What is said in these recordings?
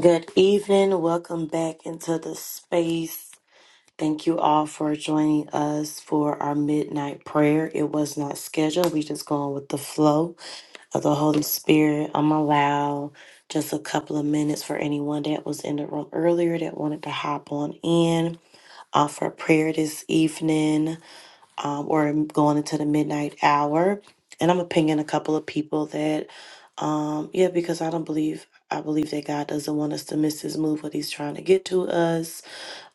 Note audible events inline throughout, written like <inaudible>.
Good evening. Welcome back into the space. Thank you all for joining us for our midnight prayer. It was not scheduled. We just going with the flow of the Holy Spirit. I'm allow just a couple of minutes for anyone that was in the room earlier that wanted to hop on in, offer prayer this evening um, or going into the midnight hour. And I'm gonna ping in a couple of people that, um, yeah, because I don't believe I believe that God doesn't want us to miss His move, what He's trying to get to us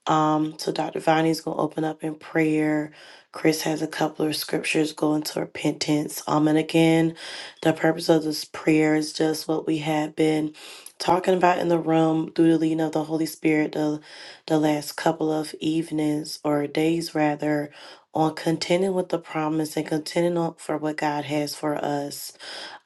um, so Dr. Viney's gonna open up in prayer. Chris has a couple of scriptures going to repentance. Um, and again, the purpose of this prayer is just what we have been talking about in the room through the leading of the Holy Spirit the the last couple of evenings or days rather on contending with the promise and contending on for what God has for us.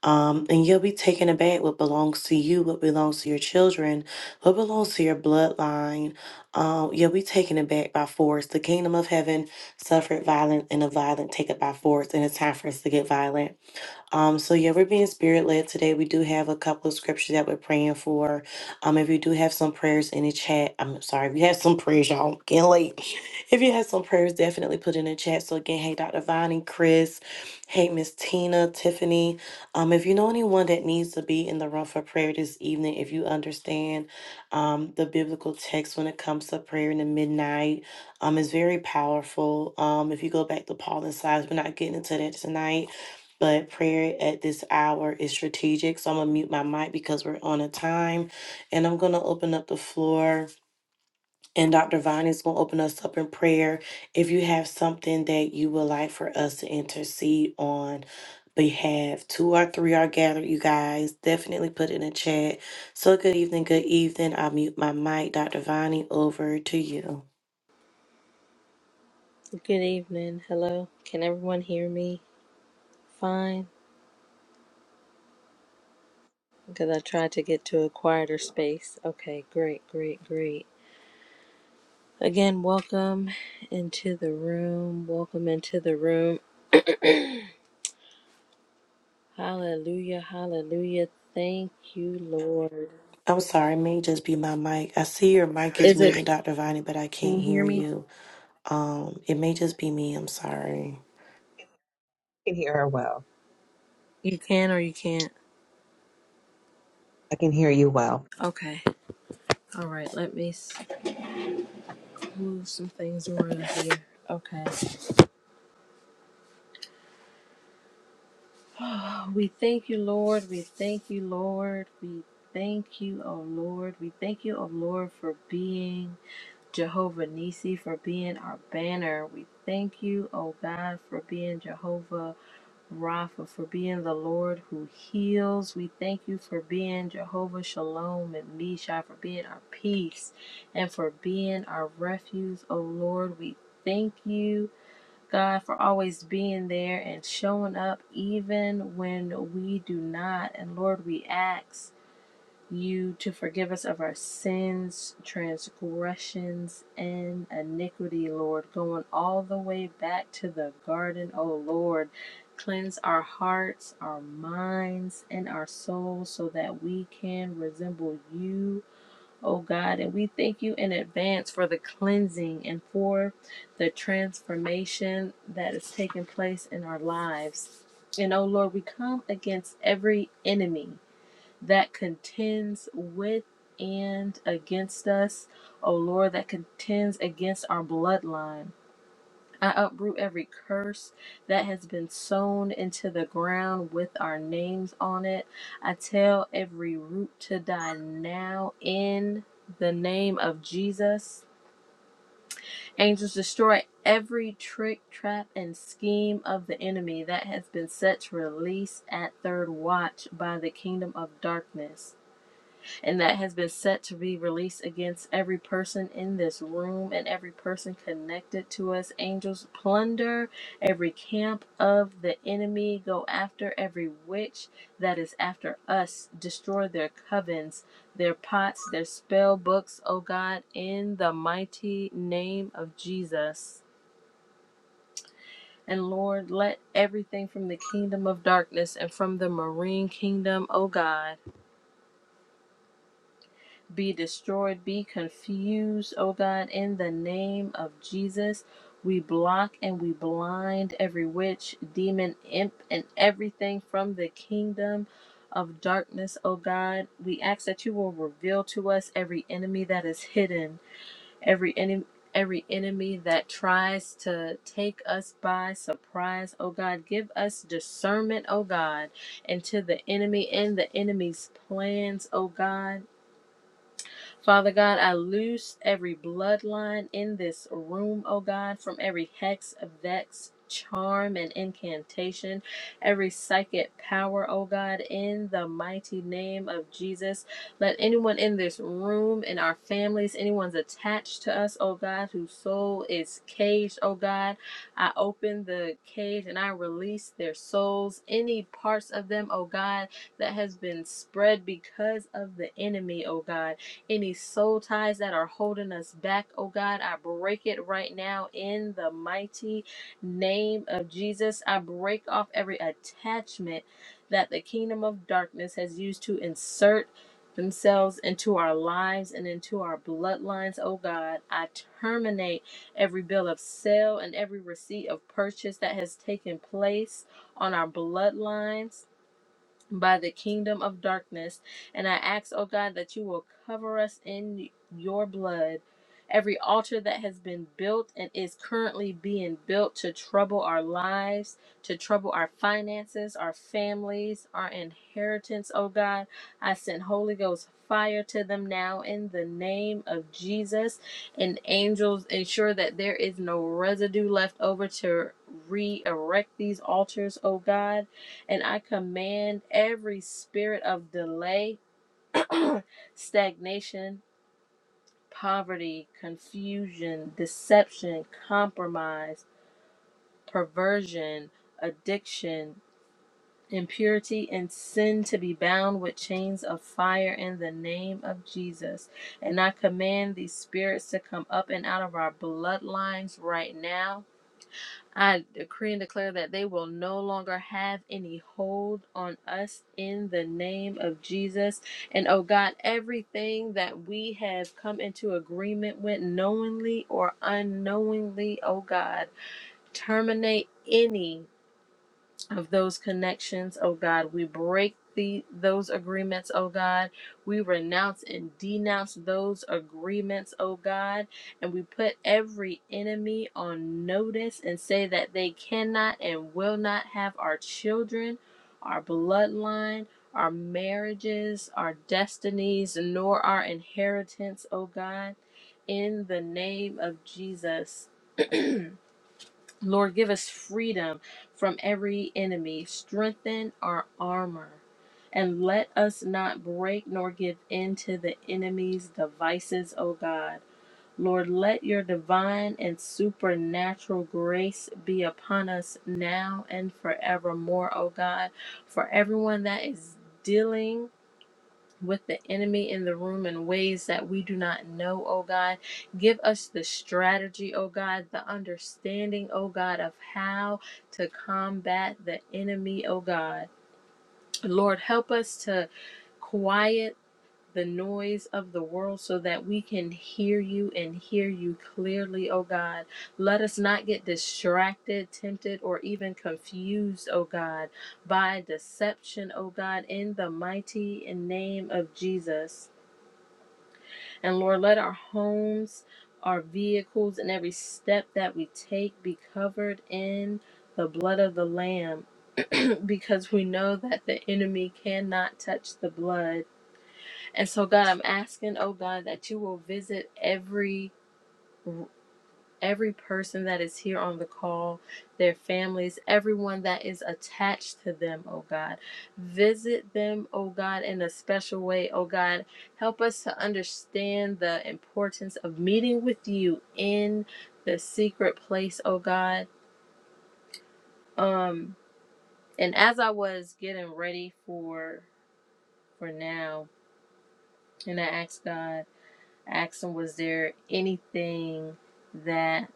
Um, and you'll be taken aback what belongs to you, what belongs to your children, what belongs to your bloodline. Um, you'll be taken aback by force. The kingdom of heaven suffered violence, and the violent take it by force. And it's time for us to get violent. Um, so yeah, we're being spirit led today. We do have a couple of scriptures that we're praying for. Um, if you do have some prayers in the chat, I'm sorry, if you have some prayers, y'all I'm getting late. <laughs> If you have some prayers, definitely put in the chat. So again, hey Dr. Vonnie, Chris, hey Miss Tina, Tiffany. Um, if you know anyone that needs to be in the room for prayer this evening, if you understand um the biblical text when it comes to prayer in the midnight, um, is very powerful. Um, if you go back to Paul and Silas, we're not getting into that tonight but prayer at this hour is strategic. So I'm going to mute my mic because we're on a time. And I'm going to open up the floor. And Dr. Vine is going to open us up in prayer. If you have something that you would like for us to intercede on behalf, two or three are gathered, you guys. Definitely put it in the chat. So good evening, good evening. I'll mute my mic. Dr. Viney, over to you. Good evening. Hello. Can everyone hear me fine? Because I tried to get to a quieter space. Okay, great, great, great. Again, welcome into the room. Welcome into the room. Hallelujah, hallelujah. Thank you, Lord. I'm sorry, it may just be my mic. I see your mic is Is it? moving, Dr. Viney, but I Can can't you hear hear me? you. Um, it may just be me. I'm sorry. can hear her well. You can or you can't? I can hear you well. Okay. All right, let me s- move some things around here. Okay. We thank you, Lord. We thank you, Lord. We thank you, O Lord. We thank you, O Lord, for being Jehovah Nissi, for being our banner. We thank you, O God, for being Jehovah Rapha, for being the Lord who heals. We thank you for being Jehovah Shalom and Misha, for being our peace and for being our refuge, O Lord. We thank you. God for always being there and showing up even when we do not. And Lord, we ask you to forgive us of our sins, transgressions, and iniquity, Lord, going all the way back to the garden. Oh, Lord, cleanse our hearts, our minds, and our souls so that we can resemble you oh God. And we thank you in advance for the cleansing and for the transformation that is taking place in our lives. And oh Lord, we come against every enemy that contends with and against us. Oh Lord, that contends against our bloodline. I uproot every curse that has been sown into the ground with our names on it. I tell every root to die now in the name of Jesus. Angels destroy every trick, trap, and scheme of the enemy that has been set to release at third watch by the kingdom of darkness and that has been set to be released against every person in this room and every person connected to us. Angels plunder every camp of the enemy, go after every witch that is after us, destroy their covens, their pots, their spell books, O God, in the mighty name of Jesus. And Lord, let everything from the kingdom of darkness and from the marine kingdom, O God be destroyed, be confused, oh God, in the name of Jesus. We block and we blind every witch, demon, imp, and everything from the kingdom of darkness, oh God. We ask that you will reveal to us every enemy that is hidden, every enemy. Every enemy that tries to take us by surprise, oh God, give us discernment, oh God, into the enemy and the enemy's plans, oh God. Father God, I loose every bloodline in this room, oh God, from every hex, vex, charm, and incantation, every psychic power, oh God, in the mighty name of Jesus. Let anyone in this room, in our families, anyone's attached to us, oh God, whose soul is caged, oh God, I open the cage and I release their souls, any parts of them, oh God, that has been spread because of the enemy, oh God. Any soul ties that are holding us back, oh God, I break it right now in the mighty name of Jesus. I break off every attachment that the kingdom of darkness has used to insert themselves into our lives and into our bloodlines, oh God. I terminate every bill of sale and every receipt of purchase that has taken place on our bloodlines by the kingdom of darkness. And I ask, oh God, that you will cover us in your blood. Every altar that has been built and is currently being built to trouble our lives, to trouble our finances, our families, our inheritance, oh God, I send Holy Ghost fire to them now in the name of Jesus. And angels ensure that there is no residue left over to re erect these altars, oh God and I command every spirit of delay, stagnation, poverty, confusion, deception, compromise, perversion, addiction, impurity, and sin to be bound with chains of fire in the name of Jesus. And I command these spirits to come up and out of our bloodlines right now I decree and declare that they will no longer have any hold on us in the name of Jesus. And oh God, everything that we have come into agreement with knowingly or unknowingly, oh God, terminate any of those connections, oh God. We break the those agreements, oh God. We renounce and denounce those agreements, oh God, and we put every enemy on notice and say that they cannot and will not have our children, our bloodline, our marriages, our destinies, nor our inheritance, oh God. In the name of Jesus. Lord, give us freedom from every enemy. Strengthen our armor. And let us not break nor give in to the enemy's devices, O God. Lord, let your divine and supernatural grace be upon us now and forevermore, O God. For everyone that is dealing with the enemy in the room in ways that we do not know, oh God. Give us the strategy, oh God, the understanding, oh God, of how to combat the enemy, oh God. Lord, help us to quiet the noise of the world so that we can hear you and hear you clearly, oh God. Let us not get distracted, tempted, or even confused, oh God, by deception, oh God, in the mighty name of Jesus. And Lord, let our homes, our vehicles, and every step that we take be covered in the blood of the Lamb because we know that the enemy cannot touch the blood. And so, God, I'm asking, oh God, that you will visit every room every person that is here on the call, their families, everyone that is attached to them, oh God. Visit them, oh God, in a special way, oh God. Help us to understand the importance of meeting with you in the secret place, oh God. Um and as I was getting ready for for now, and I asked God, I asked him, was there anything that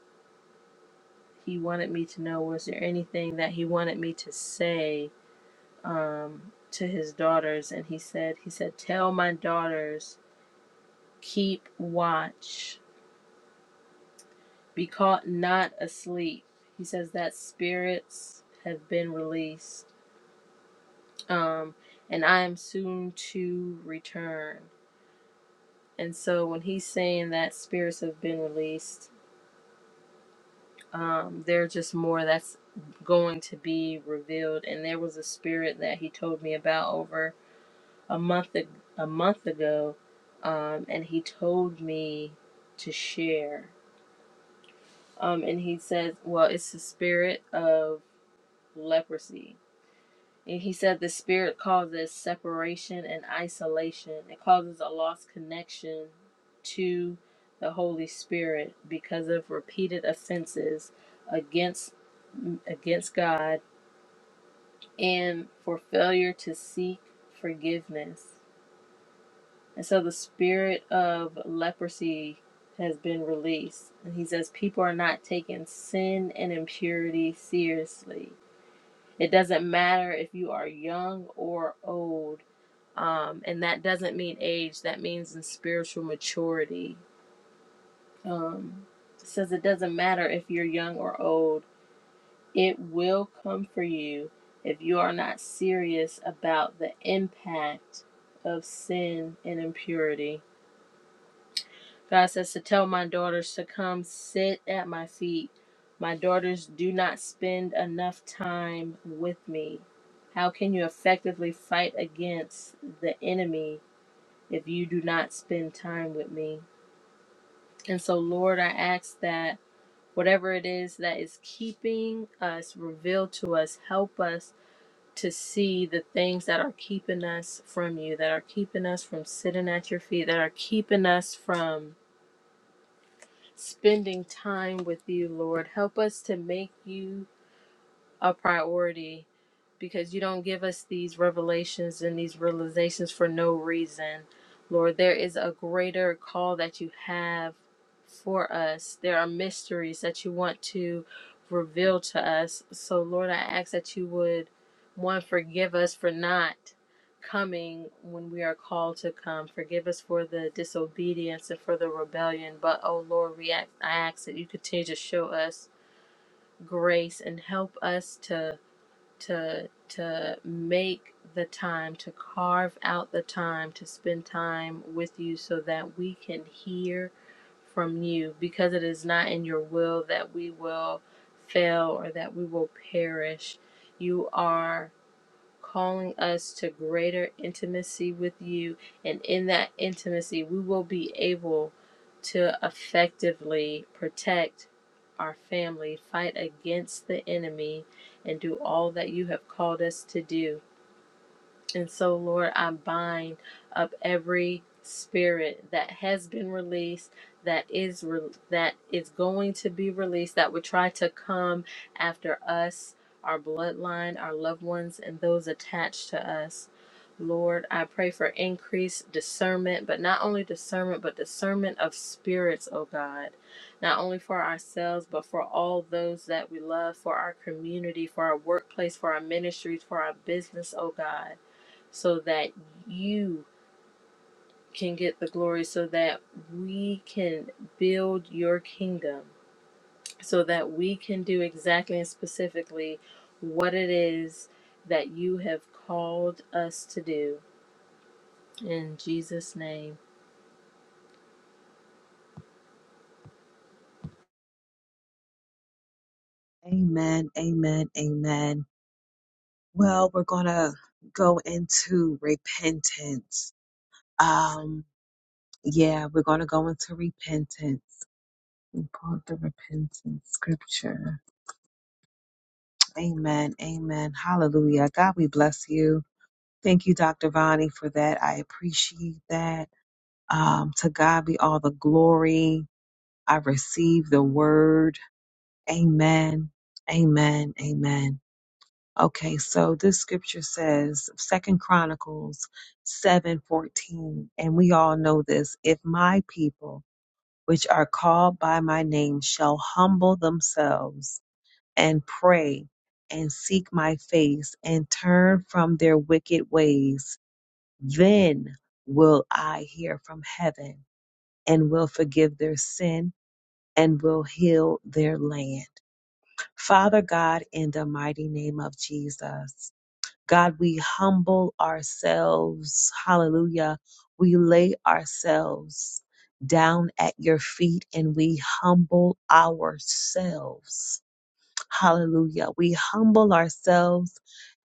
he wanted me to know was there anything that he wanted me to say um, to his daughters and he said he said tell my daughters keep watch be caught not asleep he says that spirits have been released um, and i am soon to return and so when he's saying that spirits have been released um, there are just more that's going to be revealed and there was a spirit that he told me about over a month ag- a month ago, um, and he told me to share. Um, and he said, "Well, it's the spirit of leprosy." And he said the spirit causes separation and isolation. It causes a lost connection to the Holy Spirit because of repeated offenses against against God and for failure to seek forgiveness. And so the spirit of leprosy has been released. And he says people are not taking sin and impurity seriously. It doesn't matter if you are young or old. Um, and that doesn't mean age, that means in spiritual maturity. Um, it says it doesn't matter if you're young or old, it will come for you if you are not serious about the impact of sin and impurity. God says to tell my daughters to come sit at my feet. My daughters do not spend enough time with me. How can you effectively fight against the enemy if you do not spend time with me? And so, Lord, I ask that whatever it is that is keeping us, reveal to us, help us to see the things that are keeping us from you, that are keeping us from sitting at your feet, that are keeping us from spending time with you, Lord. Help us to make you a priority because you don't give us these revelations and these realizations for no reason. Lord, there is a greater call that you have for us. There are mysteries that you want to reveal to us. So, Lord, I ask that you would, one, forgive us for not coming when we are called to come. Forgive us for the disobedience and for the rebellion. But, oh Lord, we ask, I ask that you continue to show us grace and help us to to to make the time to carve out the time to spend time with you so that we can hear from you because it is not in your will that we will fail or that we will perish you are calling us to greater intimacy with you. And in that intimacy, we will be able to effectively protect our family, fight against the enemy, and do all that you have called us to do. And so, Lord, I bind up every spirit that has been released, that is re- that is going to be released, that would try to come after us, our bloodline, our loved ones, and those attached to us. Lord, I pray for increased discernment, but not only discernment, but discernment of spirits, oh God. Not only for ourselves, but for all those that we love, for our community, for our workplace, for our ministries, for our business, oh God so that you can get the glory, so that we can build your kingdom, so that we can do exactly and specifically what it is that you have called us to do. In Jesus' name, Amen, amen, amen. Well, we're gonna go into repentance. Um, yeah, we're gonna go into repentance. We call the repentance scripture. Amen, amen. Hallelujah. God, we bless you. Thank you, Dr. Vani, for that. I appreciate that. Um, to God be all the glory. I receive the word. Amen, amen, amen. Okay, so this scripture says, Second Chronicles seven fourteen, and we all know this: if my people, which are called by my name, shall humble themselves and pray and seek my face and turn from their wicked ways, then will I hear from heaven and will forgive their sin and will heal their land. Father God, in the mighty name of Jesus. God, we humble ourselves. Hallelujah. We lay ourselves down at your feet and we humble ourselves Hallelujah. We humble ourselves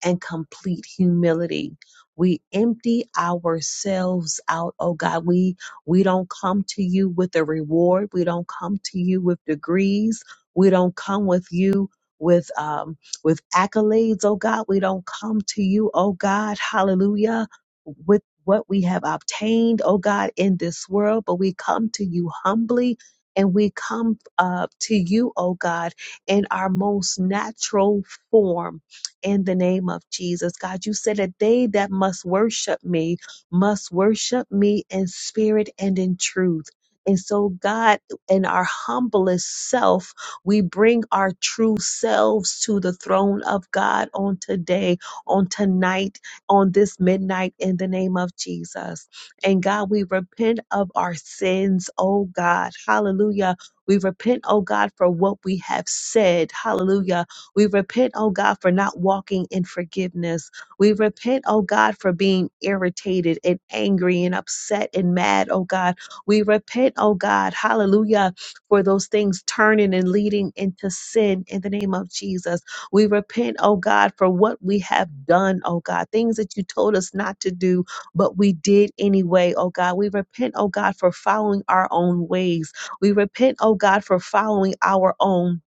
and complete humility. We empty ourselves out, oh God. We we don't come to you with a reward. We don't come to you with degrees. We don't come with you with um with accolades, oh God. We don't come to you, oh God, hallelujah, with what we have obtained, oh God, in this world, but we come to you humbly and we come uh, to you, oh God in our most natural form in the name of Jesus. God, you said that they that must worship me must worship me in spirit and in truth. And so, God, in our humblest self, we bring our true selves to the throne of God on today, on tonight, on this midnight, in the name of Jesus. And God, we repent of our sins, oh God. Hallelujah we repent, oh God, for what we have said. Hallelujah. We repent, oh God, for not walking in forgiveness. We repent, oh God, for being irritated and angry and upset and mad, oh God. We repent, oh God, hallelujah, for those things turning and leading into sin in the name of Jesus. We repent, oh God, for what we have done, oh God, things that you told us not to do, but we did anyway, oh God. We repent, oh God, for following our own ways. We repent, oh God, for following our own,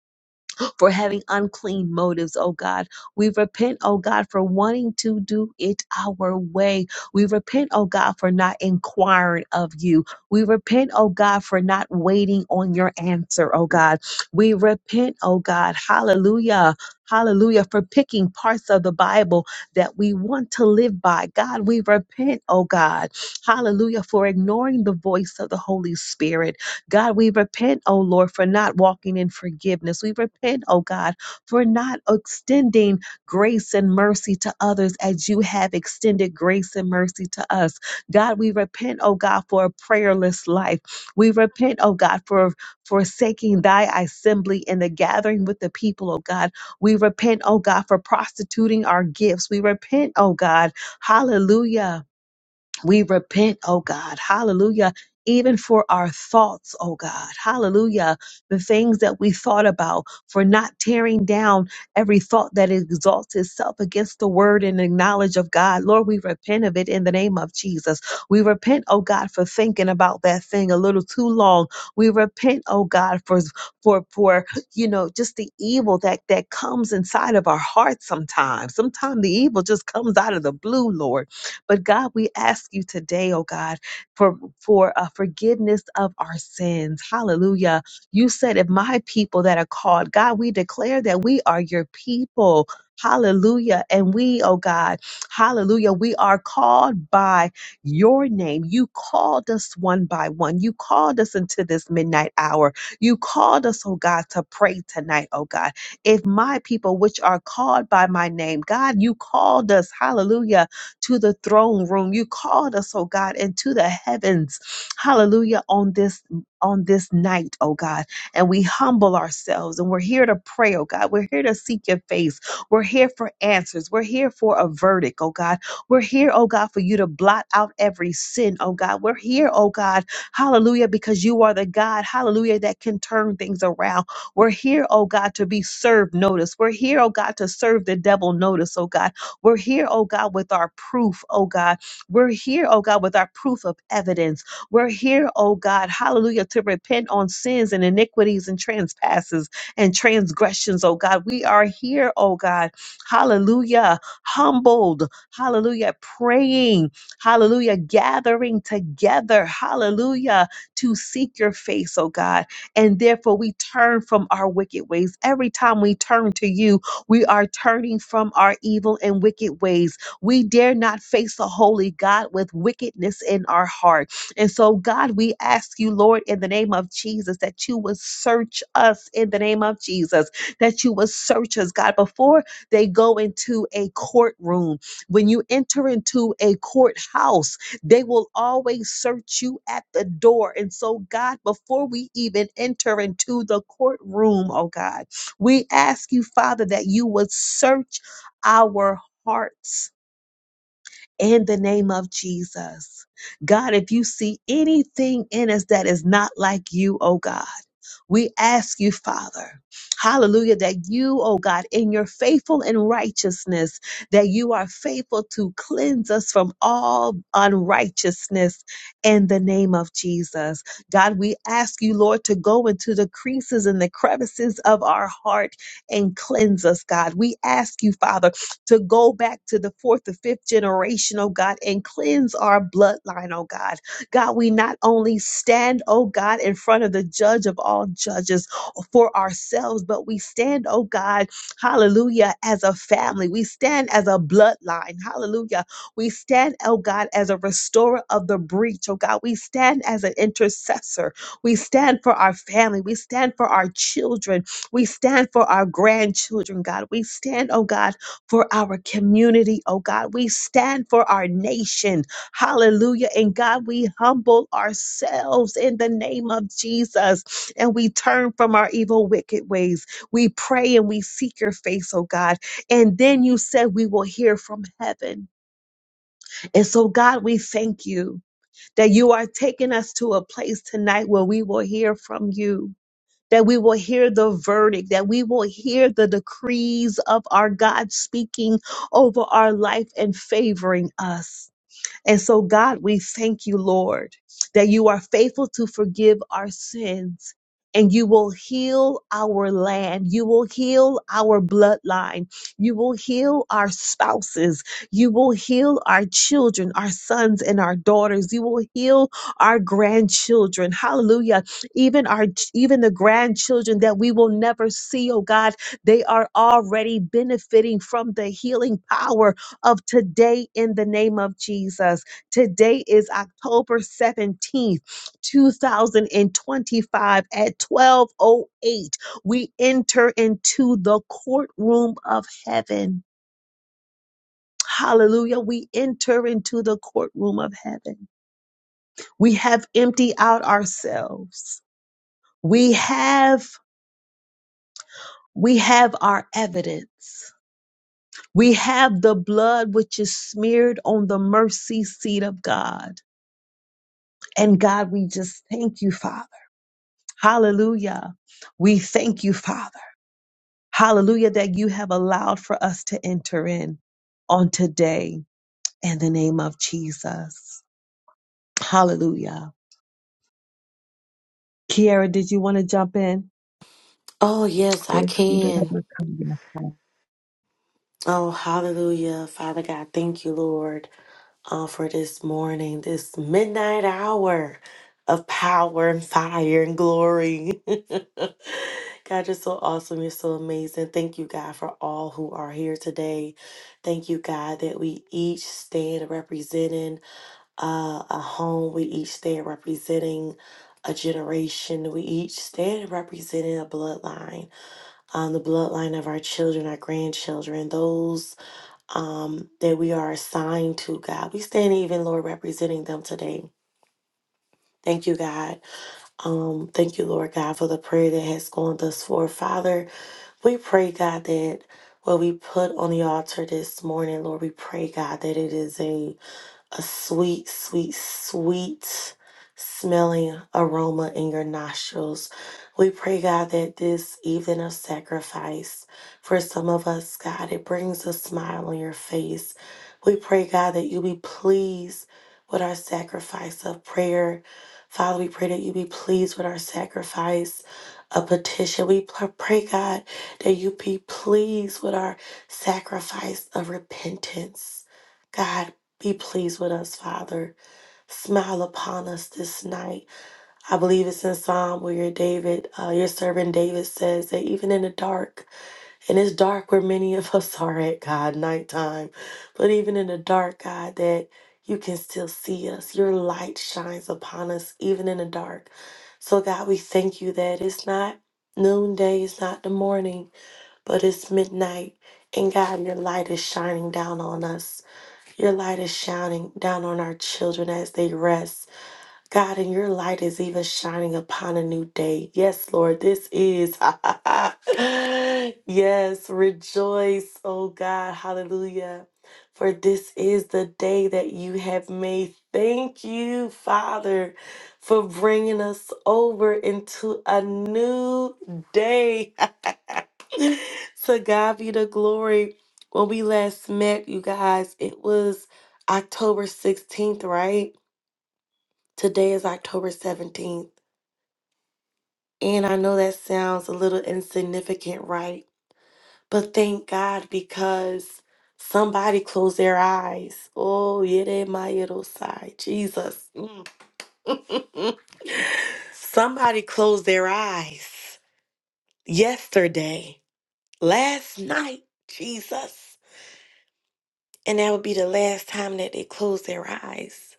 for having unclean motives, oh God. We repent, oh God, for wanting to do it our way. We repent, oh God, for not inquiring of you. We repent, oh God, for not waiting on your answer, oh God. We repent, oh God, hallelujah, hallelujah, for picking parts of the Bible that we want to live by. God, we repent, oh God, hallelujah, for ignoring the voice of the Holy Spirit. God, we repent, oh Lord, for not walking in forgiveness. We repent, oh God, for not extending grace and mercy to others as you have extended grace and mercy to us. God, we repent, oh God, for a prayerless life. We repent, oh God, for forsaking thy assembly and the gathering with the people, oh God. We repent, oh God, for prostituting our gifts. We repent, oh God. Hallelujah we repent, oh God. Hallelujah. Even for our thoughts, oh God. Hallelujah. The things that we thought about, for not tearing down every thought that exalts itself against the word and the knowledge of God. Lord, we repent of it in the name of Jesus. We repent, oh God, for thinking about that thing a little too long. We repent, oh God, for for for you know just the evil that that comes inside of our hearts sometimes. Sometimes the evil just comes out of the blue, Lord. But God, we ask you today, oh God, for for uh, forgiveness of our sins. Hallelujah. You said, if my people that are called, God, we declare that we are your people. Hallelujah. And we, oh God, hallelujah, we are called by your name. You called us one by one. You called us into this midnight hour. You called us, oh God, to pray tonight, oh God. If my people, which are called by my name, God, you called us, hallelujah, to the throne room. You called us, oh God, into the heavens. Hallelujah. On this on this night, oh God. And we humble ourselves and we're here to pray, oh God. We're here to seek your face. We're here for answers. We're here for a verdict, oh God. We're here, oh God, for you to blot out every sin, oh God. We're here, oh God. Hallelujah, because you are the God, hallelujah, that can turn things around. We're here, oh God, to be served notice. We're here, oh God, to serve the devil notice, oh God. We're here, oh God, with our proof, oh God. We're here, oh God, with our proof of evidence. We're here, oh God, hallelujah, to repent on sins and iniquities and trespasses and transgressions, oh God. We are here, oh God, hallelujah, humbled, hallelujah, praying, hallelujah, gathering together, hallelujah, to seek your face, oh God. And therefore, we turn from our wicked ways. Every time we turn to you, we are turning from our evil and wicked ways. We dare not face the holy God with wickedness in our heart. And so, God, we ask you, Lord, in the name of Jesus, that you would search us in the name of Jesus, that you would search us, God, before they go into a courtroom. When you enter into a courthouse, they will always search you at the door. And so, God, before we even enter into the courtroom, oh God, we ask you, Father, that you would search our hearts in the name of Jesus. God, if you see anything in us that is not like you, oh God, we ask you, Father, hallelujah, that you, oh God, in your faithful and righteousness, that you are faithful to cleanse us from all unrighteousness in the name of Jesus. God, we ask you, Lord, to go into the creases and the crevices of our heart and cleanse us, God. We ask you, Father to go back to the fourth or fifth generation, oh God, and cleanse our bloodline, oh God. God, we not only stand, oh God, in front of the judge of all judges for ourselves, but we stand, oh God, hallelujah, as a family. We stand as a bloodline, hallelujah. We stand, oh God, as a restorer of the breach, oh God. We stand as an intercessor. We stand for our family. We stand for our children. We stand for our grandchildren, God. We stand, oh God, for our community, oh God. We stand for our nation. Hallelujah. And God, we humble ourselves in the name of Jesus and we turn from our evil, wicked ways. We pray and we seek your face, oh God. And then you said we will hear from heaven. And so, God, we thank you that you are taking us to a place tonight where we will hear from you that we will hear the verdict, that we will hear the decrees of our God speaking over our life and favoring us. And so, God, we thank you, Lord, that you are faithful to forgive our sins and you will heal our land. You will heal our bloodline. You will heal our spouses. You will heal our children, our sons and our daughters. You will heal our grandchildren. Hallelujah. Even our, even the grandchildren that we will never see, oh God, they are already benefiting from the healing power of today in the name of Jesus. Today is October 17th, 2025 at 1208. We enter into the courtroom of heaven. Hallelujah. We enter into the courtroom of heaven. We have emptied out ourselves. We have we have our evidence. We have the blood which is smeared on the mercy seat of God. And God, we just thank you, Father. Hallelujah. We thank you, Father. Hallelujah, that you have allowed for us to enter in on today in the name of Jesus. Hallelujah. Kiara, did you want to jump in? Oh, yes, I Nothing can. Oh, hallelujah. Father God, thank you, Lord, uh, for this morning, this midnight hour of power and fire and glory. <laughs> God, you're so awesome. You're so amazing. Thank you, God, for all who are here today. Thank you, God, that we each stand represented. uh, a home. We each stand representing a generation. We each stand representing a bloodline, um, the bloodline of our children, our grandchildren, those um, that we are assigned to, God. We stand even, Lord, representing them today. Thank you, God. Um, thank you, Lord God, for the prayer that has gone thus far. Father, we pray, God, that what we put on the altar this morning, Lord, we pray, God, that it is a a sweet, sweet, sweet smelling aroma in your nostrils. We pray, God, that this evening of sacrifice for some of us, God, it brings a smile on your face. We pray, God, that you be pleased with our sacrifice of prayer. Father, we pray that you be pleased with our sacrifice of petition. We pr- pray, God, that you be pleased with our sacrifice of repentance. God, be pleased with us, Father. Smile upon us this night. I believe it's in Psalm where your David, uh, your servant David says that even in the dark, and it's dark where many of us <laughs> are at, God, nighttime, but even in the dark, God, that you can still see us. Your light shines upon us even in the dark. So, God, we thank you that it's not noonday, it's not the morning, but it's midnight. And God, your light is shining down on us. Your light is shining down on our children as they rest. God, and your light is even shining upon a new day. Yes, Lord, this is. <laughs> yes, rejoice, oh God. Hallelujah. For this is the day that you have made. Thank you, Father, for bringing us over into a new day. To God be the glory. When we last met, you guys, it was October 16th, right? Today is October 17th. And I know that sounds a little insignificant, right? But thank God because somebody closed their eyes. Oh, yeah, they my little side. Jesus. Mm. <laughs> somebody closed their eyes yesterday, last night, Jesus. And that would be the last time that they close their eyes.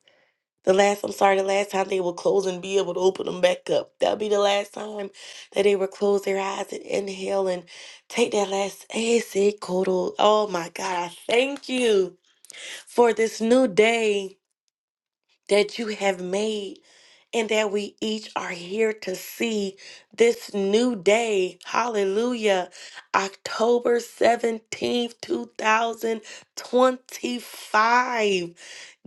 The last, I'm sorry, the last time they will close and be able to open them back up. That'll be the last time that they will close their eyes and inhale and take that last exhale. Oh my God, I thank you for this new day that you have made and that we each are here to see this new day. Hallelujah. October 17th, 2025.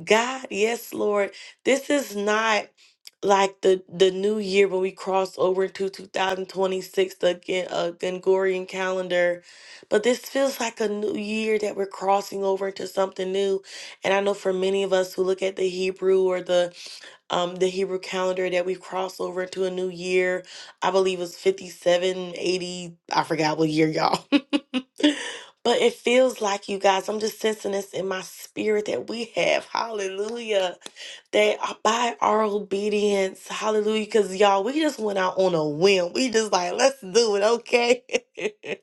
God, yes, Lord. This is not like the the new year when we cross over into 2026 the again uh, Gregorian calendar but this feels like a new year that we're crossing over into something new and I know for many of us who look at the Hebrew or the um the Hebrew calendar that we cross over into a new year I believe it's 5780. I forgot what year y'all <laughs> But it feels like you guys, I'm just sensing this in my spirit that we have. Hallelujah. They are by our obedience. Hallelujah. Because y'all, we just went out on a whim. We just like, let's do it, okay? <laughs>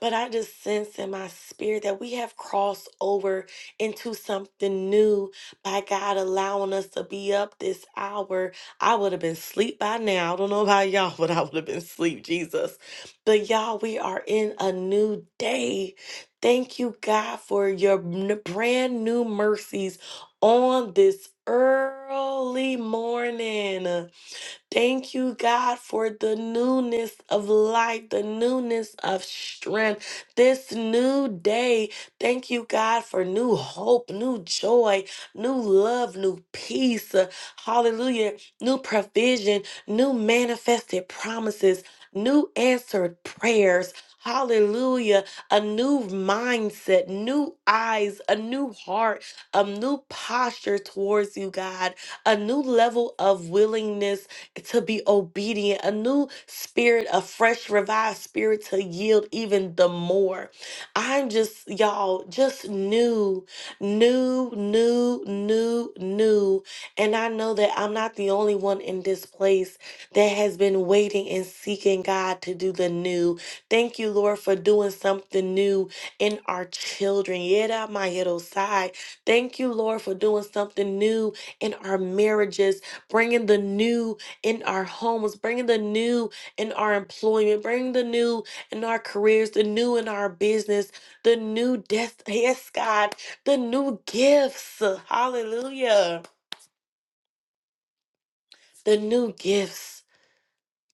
But I just sense in my spirit that we have crossed over into something new by God allowing us to be up this hour. I would have been asleep by now. I don't know about y'all, <laughs> but I would have been asleep, Jesus. But y'all, we are in a new day. Thank you, God, for your n- brand new mercies on this early morning. Thank you, God, for the newness of life, the newness of strength, this new day. Thank you, God, for new hope, new joy, new love, new peace. Uh, Hallelujah. New provision, new manifested promises, new answered prayers. Hallelujah. A new mindset, new eyes, a new heart, a new posture towards you, God, a new level of willingness to be obedient, a new spirit, a fresh, revived spirit to yield even the more. I'm just, y'all, just new, new, new, new, new. And I know that I'm not the only one in this place that has been waiting and seeking God to do the new. Thank you, Lord, for doing something new in our children. Yera Mahirosai. Thank you, Lord, for doing something new in our marriages, bringing the new in our homes, bringing the new in our employment, bringing the new in our careers, the new in our business, the new death. <laughs> Yes, God, the new gifts. Hallelujah. The new gifts.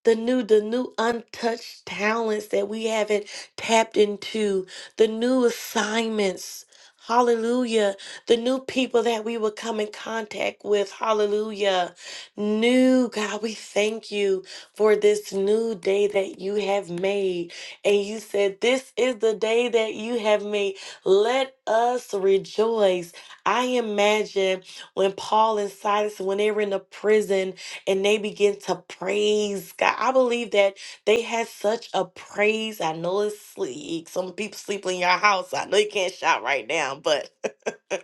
the new the new untouched talents that we haven't tapped into the new assignments hallelujah the new people that we will come in contact with hallelujah new god we thank you for this new day that you have made and you said this is the day that you have made let us rejoice i imagine when paul and silas when they were in the prison and they begin to praise God. I believe that they had such a praise. I know it's sleep. Some people sleeping in your house. I know you can't shout right now, but <laughs>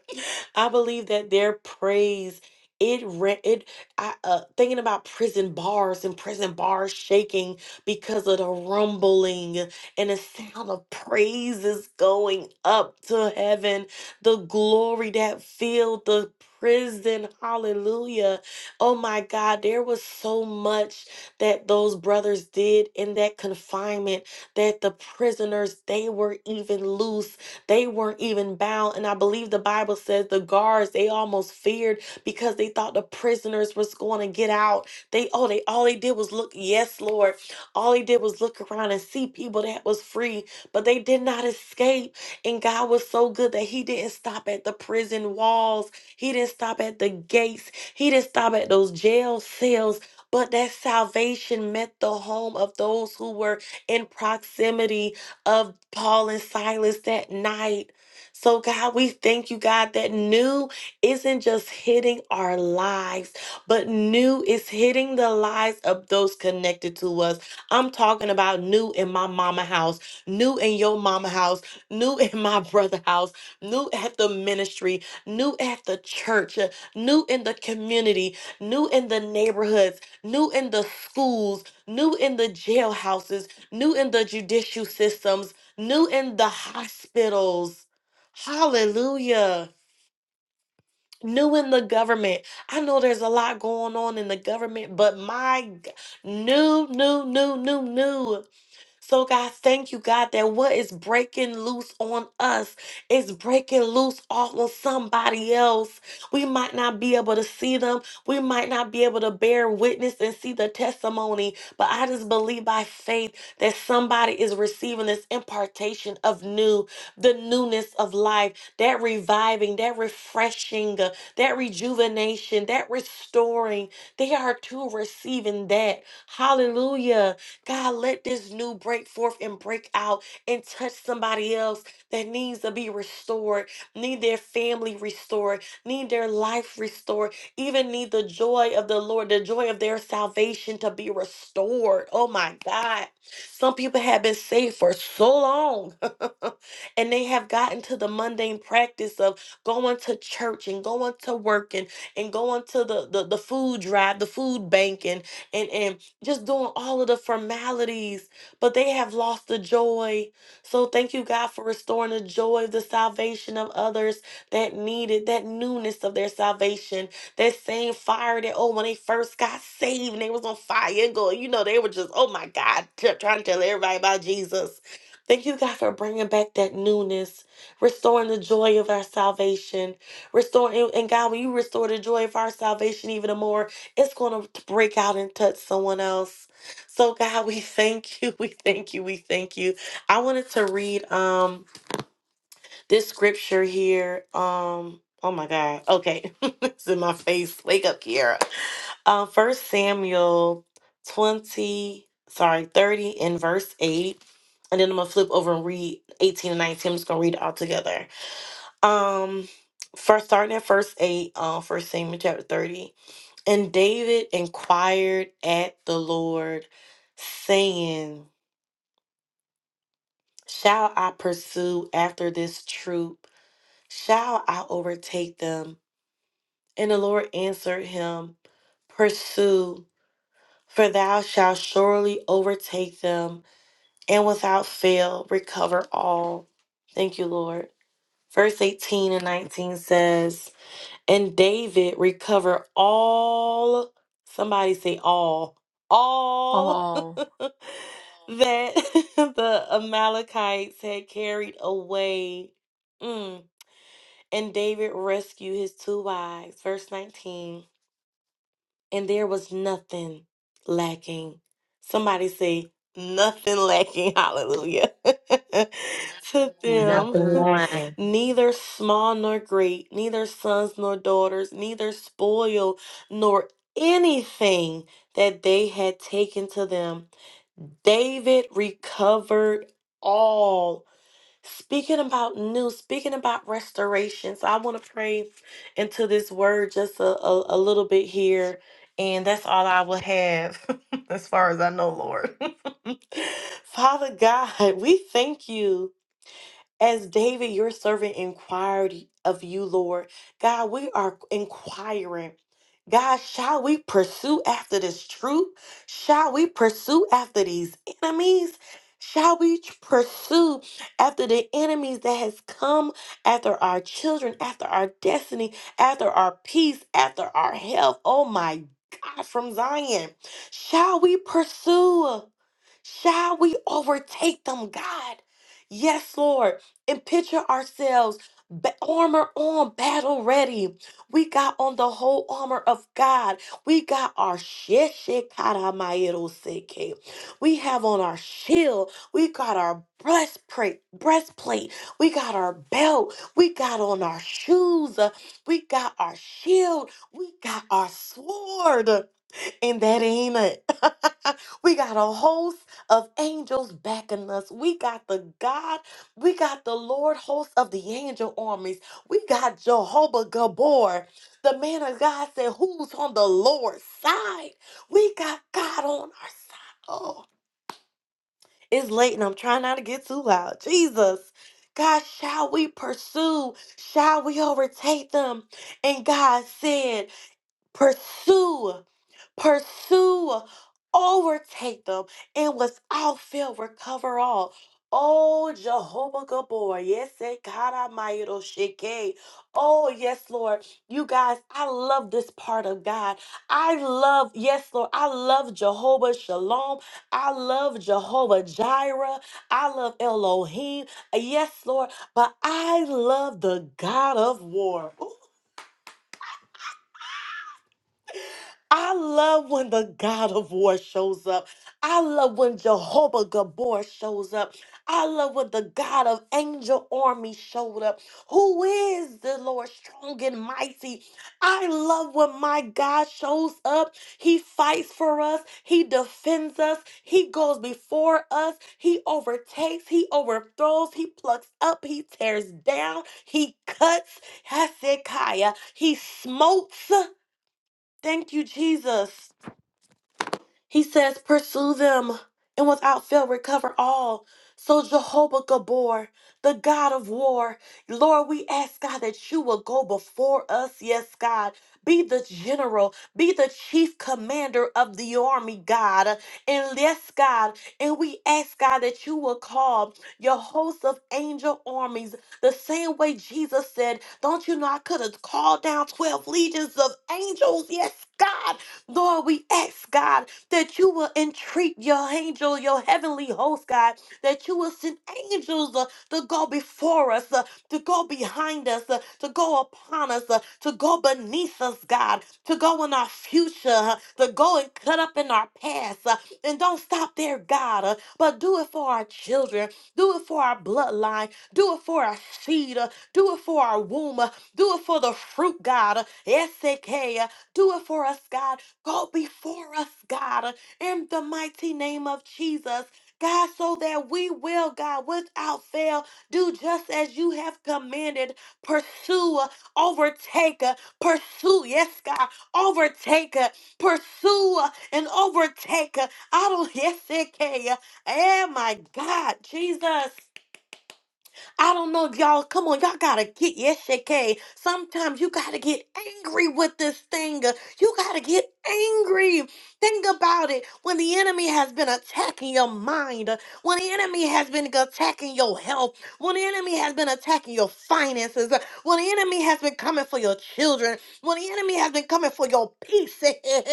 I believe that their praise it ran it I uh thinking about prison bars and prison bars shaking because of the rumbling and the sound of praises going up to heaven, the glory that filled the prison. Hallelujah. Oh my God, there was so much that those brothers did in that confinement that the prisoners they were even loose they weren't even bound. And I believe the Bible says the guards, they almost feared because they thought the prisoners was going to get out. They oh, they all they did was look, yes, Lord. All they did was look around and see people that was free, but they did not escape. And God was so good that He didn't stop at the prison walls. He didn't stop at the gates. He didn't stop at those jail cells. But that salvation met the home of those who were in proximity of Paul and Silas that night. So, God, we thank you, God, that new isn't just hitting our lives, but new is hitting the lives of those connected to us. I'm talking about new in my mama house, new in your mama house, new <laughs> in my brother house, new at the ministry, new at the church, uh, new in the community, new in the neighborhoods, new in the schools, new in the jailhouses new in the judicial systems, new in the hospitals. Hallelujah. New in the government. I know there's a lot going on in the government, but my g- new, new, new, new, new. So, God, thank you, God, that what is breaking loose on us is breaking loose off on somebody else. We might not be able to see them, we might not be able to bear witness and see the testimony, but I just believe by faith that somebody is receiving this impartation of new, the newness of life, that reviving, that refreshing, uh, that rejuvenation, that restoring. They are too receiving that. Hallelujah. God, let this new break forth and break out and touch somebody else that needs to be restored, need their family restored, need their life restored, even need the joy of the Lord, the joy of their salvation to be restored. Oh my God. Some people have been saved for so long <laughs> and they have gotten to the mundane practice of going to church and going to work and, and going to the, the, the food drive, the food bank and, and, and just doing all of the formalities, but they have lost the joy. So thank you, God, for restoring the joy of the salvation of others that needed that newness of their salvation, that same fire that, oh, when they first got saved and they was on fire and go, you know, they were just, oh my God, t- trying to tell everybody about Jesus. Thank you, God, for bringing back that newness, restoring the joy of our salvation, restoring, and and God, when you restore the joy of our salvation even the more, it's going to break out and touch someone else. So God, we thank you. <laughs> We thank you. We thank you. I wanted to read um this scripture here. Um oh my God. Okay. <laughs> it's in my face. Wake up, Kiara. Um first Samuel 20, sorry, 30 and verse 8. And then I'm gonna flip over and read 18 and 19. I'm just gonna read it all together. Um first starting at verse 8, Uh, first Samuel chapter 30. And David inquired at the Lord, saying, Shall I pursue after this troop? Shall I overtake them? And the Lord answered him, Pursue, for thou shalt surely overtake them, and without fail recover all. Thank you, Lord. Verse 18 and 19 says, And David recovered all, somebody say all, all <laughs> all, that <laughs> the Amalekites had carried away. Mm. And David rescued his two wives. Verse 19 and there was nothing lacking. Somebody say, nothing lacking, <laughs> hallelujah, <laughs> to them. nothing <laughs> lacking. lacking. Neither small nor great, neither sons nor daughters, neither spoil nor anything that they had taken to them. David recovered all. Speaking about new, speaking about restoration. So I want to pray into this word just a, a, a little bit here. And that's all I will have <laughs> as far as I know, Lord. <laughs> Father God, we thank you. As David, your servant, inquired of you, Lord, God, we are inquiring. God, shall we pursue after this truth? Shall we pursue after these enemies? Shall we t- pursue after the enemies that has come after our children, after our destiny, after our peace, after our health? Oh my God, from Zion. Shall we pursue? Shall we overtake them, God? Yes, Lord. And picture ourselves ba- armor on, battle ready. We got on the whole armor of God. We got our sheshikaramayeroseke. We have on our shield. We got our breastplate, breastplate. We got our belt. We got on our shoes. We got our shield. We got our sword. And that ain't it. <laughs> we got a host of angels backing us. We got the God, we got the Lord host of the angel armies. We got Jehovah Gabor. The man of God said, Who's on the Lord's side? We got God on our side. Oh, it's late and I'm trying not to get too loud. Jesus. God, shall we pursue? Shall we overtake them? And God said, Pursue pursue, overtake them, and without fail recover all. Oh, Jehovah Gabor, yes, eh, God Almighty, oh, Sheke. Oh, yes, Lord. You guys, I love this part of God. I love, yes, Lord. I love Jehovah Shalom. I love Jehovah Jireh. I love Elohim. Yes, Lord. But I love the God of war. I love when the God of war shows up. I love when Jehovah Gabor shows up. I love when the God of angel army showed up. Who is the Lord strong and mighty? I love when my God shows up. He fights for us. He defends us. He goes before us. He overtakes. He overthrows. He plucks up. He tears down. He cuts. Hezekiah. He smotes. Thank you, Jesus. He says, Pursue them and without fail recover all. So, Jehovah Gabor, the God of war, Lord, we ask God that you will go before us. Yes, God. Be the general, be the chief commander of the army, God. And yes, God. And we ask God that you will call your host of angel armies the same way Jesus said, Don't you know I could have called down 12 legions of angels? Yes, God. Lord, we ask God that you will entreat your angel, your heavenly host, God, that you will send angels uh, to go before us, uh, to go behind us, uh, to go upon us, uh, to go beneath us, God, to go in our future, uh, to go and cut up in our past. uh, and don't stop there, God, uh, but do it for our children, do it for our bloodline, do it for our seed, uh, do it for our womb, uh, do it for the fruit, God. uh, SK, uh, do it for us, God. Go before us, God, in the mighty name of Jesus. God, so that we will, God, without fail, do just as you have commanded. Pursue, uh, overtake, uh, pursue, yes, God, overtake, uh, pursue, uh, and overtake. uh, I don't, yes, it can. uh, Oh, my God, Jesus. I don't know y'all come on, y'all gotta get yes, okay. Sometimes you gotta get angry with this thing. You gotta get angry. Think about it. When the enemy has been attacking your mind, when the enemy has been attacking your health, when the enemy has been attacking your finances, when the enemy has been coming for your children, when the enemy has been coming for your peace.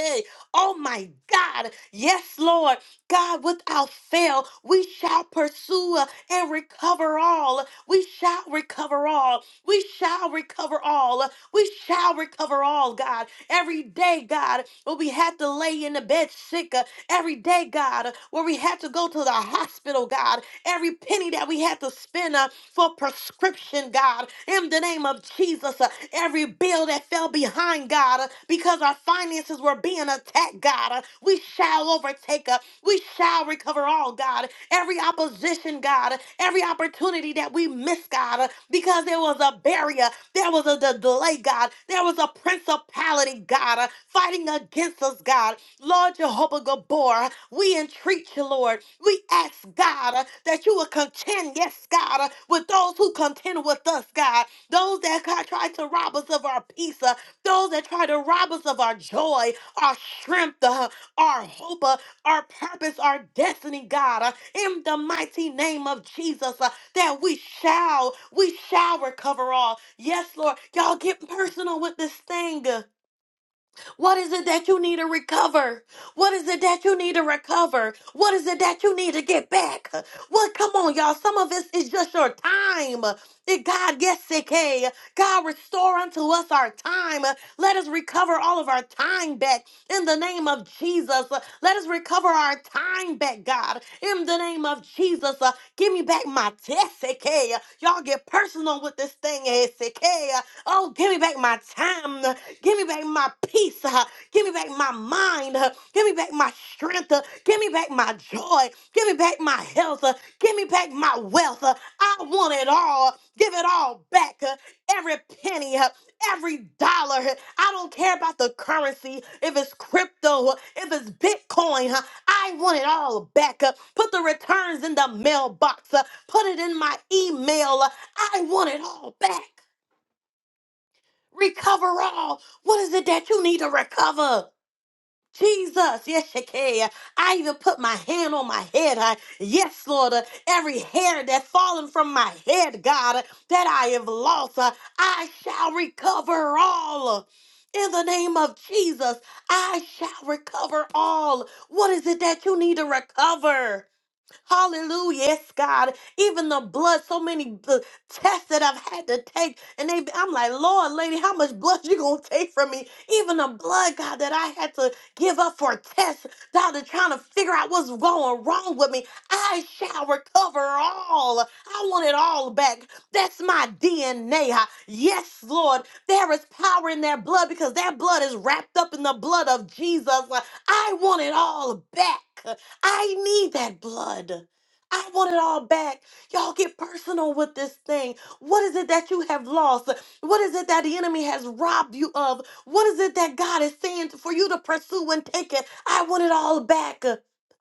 <laughs> oh my God. Yes, Lord. God, without fail, we shall pursue and recover all. We shall recover all. We shall recover all. We shall recover all, God. Every day, God, where we had to lay in the bed sick. uh, Every day, God, where we had to go to the hospital, God every penny that we had to spend uh, for prescription, God, in the name of Jesus, uh, every bill that fell behind, God, uh, because our finances were being attacked, God, uh, we shall overtake, uh, we shall recover all, God, every opposition, God, uh, every opportunity that we miss, God, uh, because because there was a barrier, there was a de- delay, God, there was a principality, God, uh, fighting against us, God. Lord Jehovah Gabor, we entreat you, Lord. We ask, God, uh, that you will contend, yes, God, uh, with those who contend with us, God, those that God, try to rob us of our peace, uh, those that try to rob us of our joy, our strength, uh, our hope, uh, our purpose, our destiny, God, uh, in the mighty name of Jesus. uh, that we shall, we shall recover all. Yes, Lord. Y'all get personal with this thing. What is it that you need to recover? What is it that you need to recover? What is it that you need to get back? What? Come on, y'all. Some of us is just your time. It, God, yes, it can. God, restore unto us our time. Let us recover all of our time back in the name of Jesus. Let us recover our time back, God, in the name of Jesus. Uh, Give me back my test, Y'all get personal with this thing, SK. Oh, give me back my time. Give me back my peace. uh, Give me back my mind. uh, Give me back my strength. uh, Give me back my joy. Give me back my health. uh, Give me back my wealth. uh, I want it all. Give it all back. uh, Every penny, uh, every dollar. uh, I don't care about the currency. If it's crypto, uh, if it's Bitcoin, uh, I want it all back. uh, Put the returns in the mailbox. uh, Put it in my email. uh, I want it all back. Recover all. What is it that you need to recover? Jesus, yes, you can. I even put my hand on my head. I, yes, Lord, uh, every hair that's fallen from my head, God, uh, that I have lost, uh, I shall recover all. In the name of Jesus, I shall recover all. What is it that you need to recover? Hallelujah, yes, God. Even the blood, so many uh, tests that I've had to take, and they, I'm like, Lord, lady, how much blood you gonna take from me? Even the blood, God, that I had to give up for a test, doctor, trying to figure out what's going wrong with me. I shall recover all. I want it all back. That's my DNA. Yes, Lord, there is power in that blood because that blood is wrapped up in the blood of Jesus. Uh, I want it all back. I need that blood. I want it all back. Y'all get personal with this thing. What is it that you have lost? What is it that the enemy has robbed you of? What is it that God is saying for you to pursue and take it? I want it all back.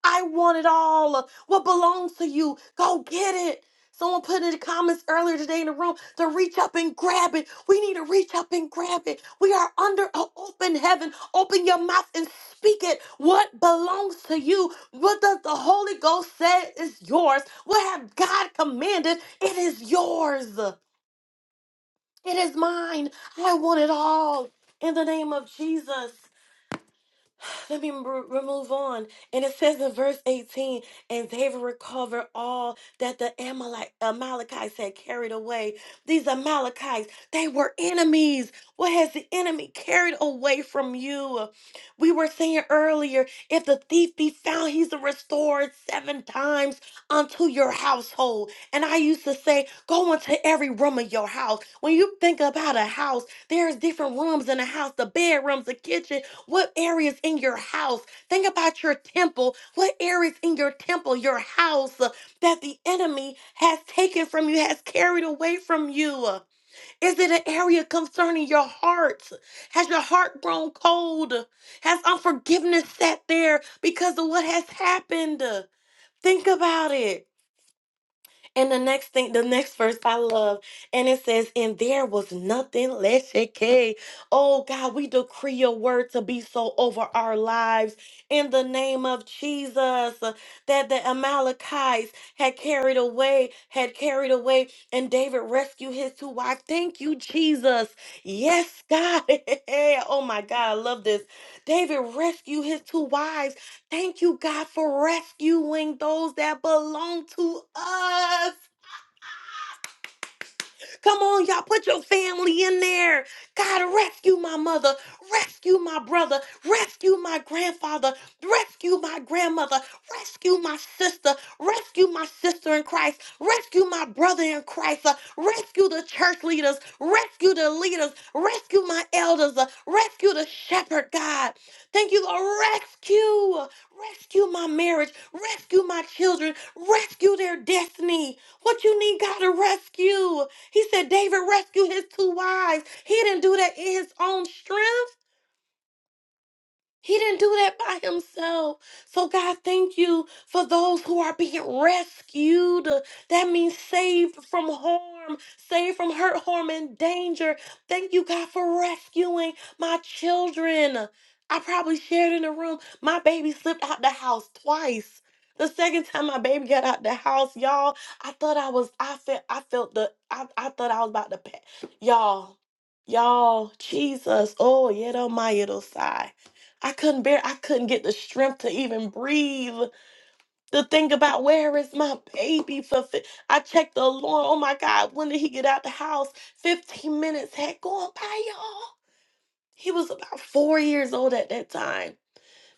I want it all. What belongs to you? Go get it. Someone put in the comments earlier today in the room to reach up and grab it. We need to reach up and grab it. We are under an open heaven. Open your mouth and speak it. What belongs to you? What does the Holy Ghost say is yours? What have God commanded? It is yours. It is mine. I want it all in the name of Jesus. Let me remove on. And it says in verse 18, and David recovered all that the Amalek- Amalekites had carried away. These Amalekites, they were enemies. What has the enemy carried away from you? We were saying earlier, if the thief be found, he's a restored seven times unto your household. And I used to say, go into every room of your house. When you think about a house, there's different rooms in a house, the bedrooms, the kitchen, what areas in your house? Think about your temple. What areas in your temple, your house, uh, that the enemy has taken from you, has carried away from you? Uh, Is it an area concerning your heart? Has your heart grown cold? Has unforgiveness sat there because of what has happened? Uh, Think about it. And the next thing, the next verse I love, and it says, And there was nothing less okay. Oh God, we decree your word to be so over our lives in the name of Jesus. uh, That the Amalekites had carried away, had carried away, and David rescued his two wives. Thank you, Jesus. Yes, God. <laughs> oh my God, I love this. David rescued his two wives Thank you, God, for rescuing those that belong to us. Come on, y'all, put your family in there. God, rescue my mother, rescue my brother, rescue my grandfather, rescue my grandmother, rescue my sister, rescue my sister in Christ, rescue my brother in Christ, uh, rescue the church leaders, rescue the leaders, rescue my elders, uh, rescue the shepherd, God. Thank you, Lord. Rescue, rescue my marriage, rescue my children, rescue their destiny. What you need, God, to rescue. He said, David rescued his two wives. He didn't do that in his own strength. He didn't do that by himself. So, God, thank you for those who are being rescued. That means saved from harm, saved from hurt, harm, and danger. Thank you, God, for rescuing my children. I probably shared in the room, my baby slipped out the house twice. The second time my baby got out the house, y'all, I thought I was, I felt, I felt the, I, I thought I was about to, pa- y'all, y'all, Jesus, oh, yeah, my, it'll sigh. I couldn't bear, I couldn't get the strength to even breathe. To think about where is my baby for, fi- I checked the alarm. Oh my God, when did he get out the house? 15 minutes had gone by, y'all. He was about four years old at that time.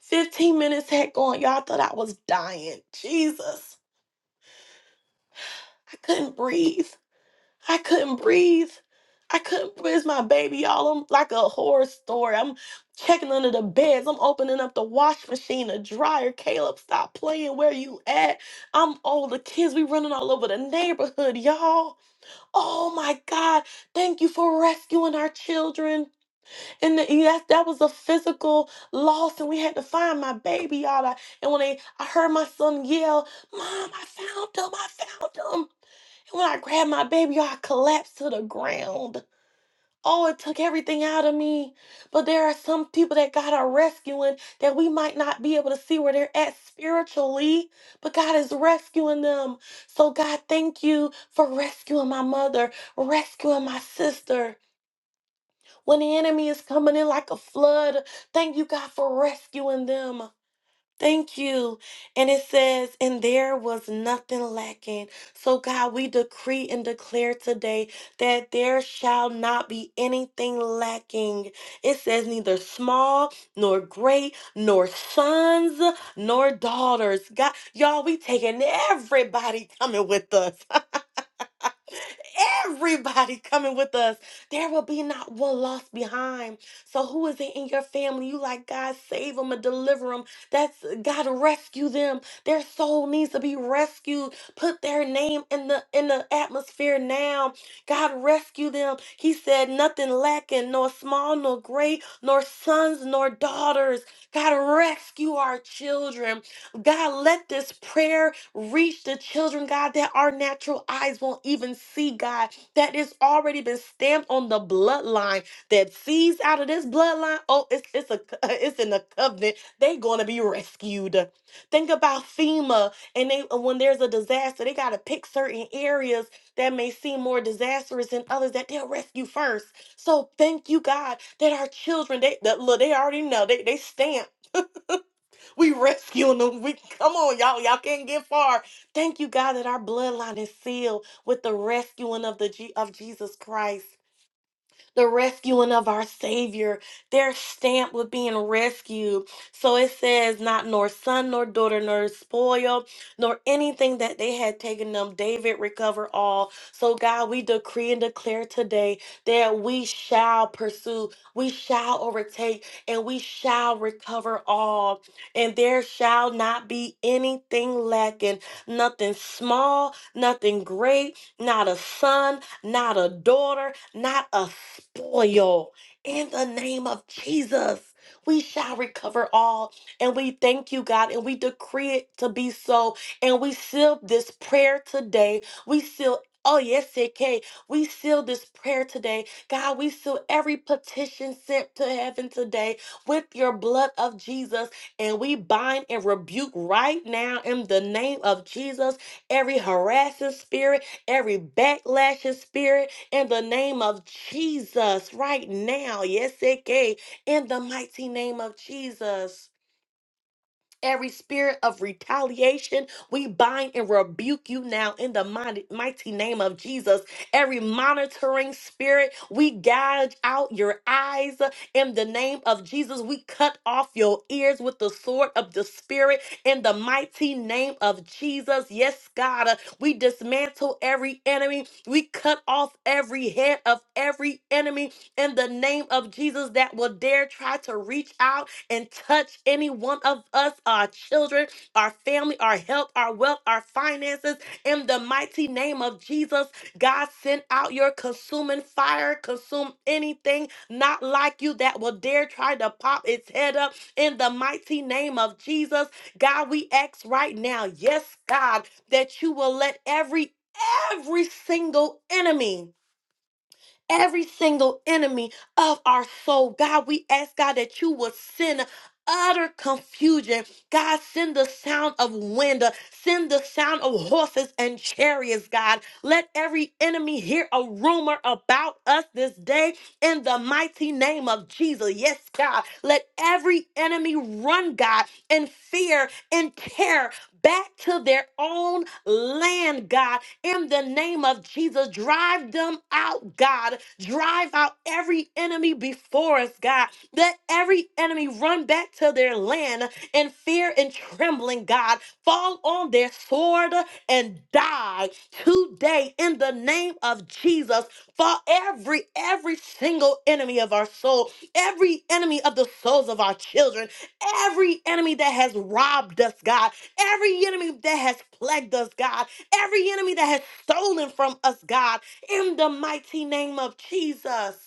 15 minutes had gone. Y'all thought I was dying. Jesus, I couldn't breathe. I couldn't breathe. I couldn't breathe. It's my baby, y'all. I'm like a horror story. I'm checking under the beds. I'm opening up the wash machine, the dryer. Caleb, stop playing. Where you at? I'm all the kids. We running all over the neighborhood, y'all. Oh my God. Thank you for rescuing our children. And the, yes, that was a physical loss, and we had to find my baby, y'all. I- And when they, I heard my son yell, Mom, I found him. I found him. And when I grabbed my baby, I collapsed to the ground. Oh, it took everything out of me. But there are some people that God are rescuing that we might not be able to see where they're at spiritually, but God is rescuing them. So, God, thank you for rescuing my mother, rescuing my sister. When the enemy is coming in like a flood, thank you, God, for rescuing them. Thank you. And it says, and there was nothing lacking. So, God, we decree and declare today that there shall not be anything lacking. It says, neither small nor great, nor sons nor daughters. God, y'all, we taking everybody coming with us everybody <laughs> coming with us. There will be not one lost behind. So who is it in your family? You like God save them and deliver them. That's God rescue them. Their soul needs to be rescued. Put their name in the in the atmosphere now. God rescue them. He said nothing lacking, nor small, nor great, nor sons, nor daughters. God rescue our children. God, let this prayer reach the children, God, that our natural eyes won't even see, God, that it's already been stamped on the bloodline. That seeds out of this bloodline, oh, it's it's a <laughs> it's in the covenant. They're gonna be rescued. Think about FEMA, and they uh, when there's a disaster, they gotta pick certain areas that may seem more disastrous than others that they'll rescue first. So thank you, God, that our children, they that, look, they already know they they stamp. We rescuing them. We come on, y'all. Y'all can't get far. Thank you, God, that our bloodline is sealed with the rescuing of the Je- of Jesus Christ the rescuing of our Savior. They're stamped with being rescued. So it says, Not nor son, nor daughter, nor spoil, nor anything that they had taken them. David recover all. So, God, we decree and declare today that we shall pursue, we shall overtake, and we shall recover all. And there shall not be anything lacking, nothing small, nothing great, not a son, not a daughter, not a spoil. In the name of Jesus, we shall recover all. And we thank you, God, and we decree it to be so. And we seal this prayer today. We seal. Oh, yes, it can. We seal this prayer today. God, we seal every petition sent to heaven today with your blood of Jesus. And we bind and rebuke right now in the name of Jesus every harassing spirit every backlashing spirit in the name of Jesus right now. Yes, it can. In the mighty name of Jesus. Every spirit of retaliation, we bind and rebuke you now in the mighty, mighty name of Jesus. Every monitoring spirit, we gouge out your eyes in the name of Jesus. We cut off your ears with the sword of the spirit in the mighty name of Jesus. Yes, God, uh, we dismantle every enemy. We cut off every head of every enemy in the name of Jesus that will dare try to reach out and touch any one of us, our children, our family, our health, our wealth, our finances. In the mighty name of Jesus, God, send out your consuming fire, consume anything not like you that will dare try to pop its head up. In the mighty name of Jesus, God, we ask right now, yes, God, that you will let every every single enemy every single enemy of our soul. God, we ask God that you would send utter confusion. God, send the sound of wind, send the sound of horses and chariots, God. Let every enemy hear a rumor about us this day in the mighty name of Jesus. Yes, God. Let every enemy run, God, in fear and terror back to their own land, God in the name of Jesus. Drive them out, God. Drive out every enemy before us, God. Let every enemy run back to their land in fear and trembling, God. Fall on their sword and die today in the name of Jesus. For every, every single enemy of our soul, every enemy of the souls of our children, every enemy that has robbed us, God, every enemy that has plagued us, God every enemy that has stolen from us, God, in the mighty name of Jesus.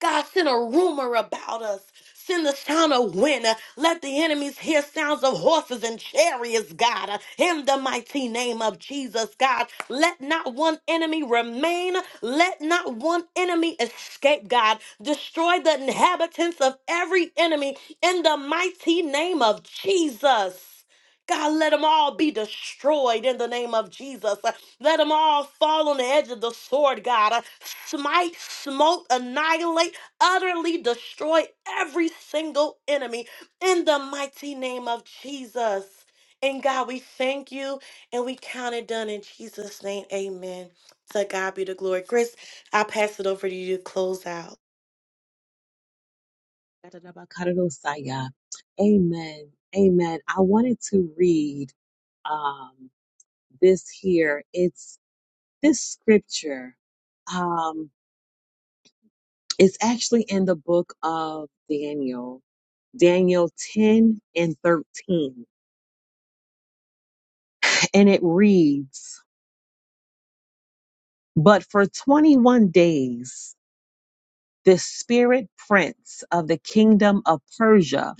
God, send a rumor about us. Send the sound of wind. Let the enemies hear sounds of horses and chariots, God. In the mighty name of Jesus, God. Let not one enemy remain. Let not one enemy escape, God. Destroy the inhabitants of every enemy in the mighty name of Jesus. God, let them all be destroyed in the name of Jesus. Let them all fall on the edge of the sword, God. Uh, Smite, smote, annihilate, utterly destroy every single enemy in the mighty name of Jesus. And God, we thank you and we count it done in Jesus' name. Amen. To God be the glory. Chris, I pass it over to you to close out. Amen. Amen. I wanted to read um, this here. It's this scripture. Um, It's actually in the book of Daniel, Daniel 10 and 13. And it reads, But for 21 days, the spirit prince of the kingdom of Persia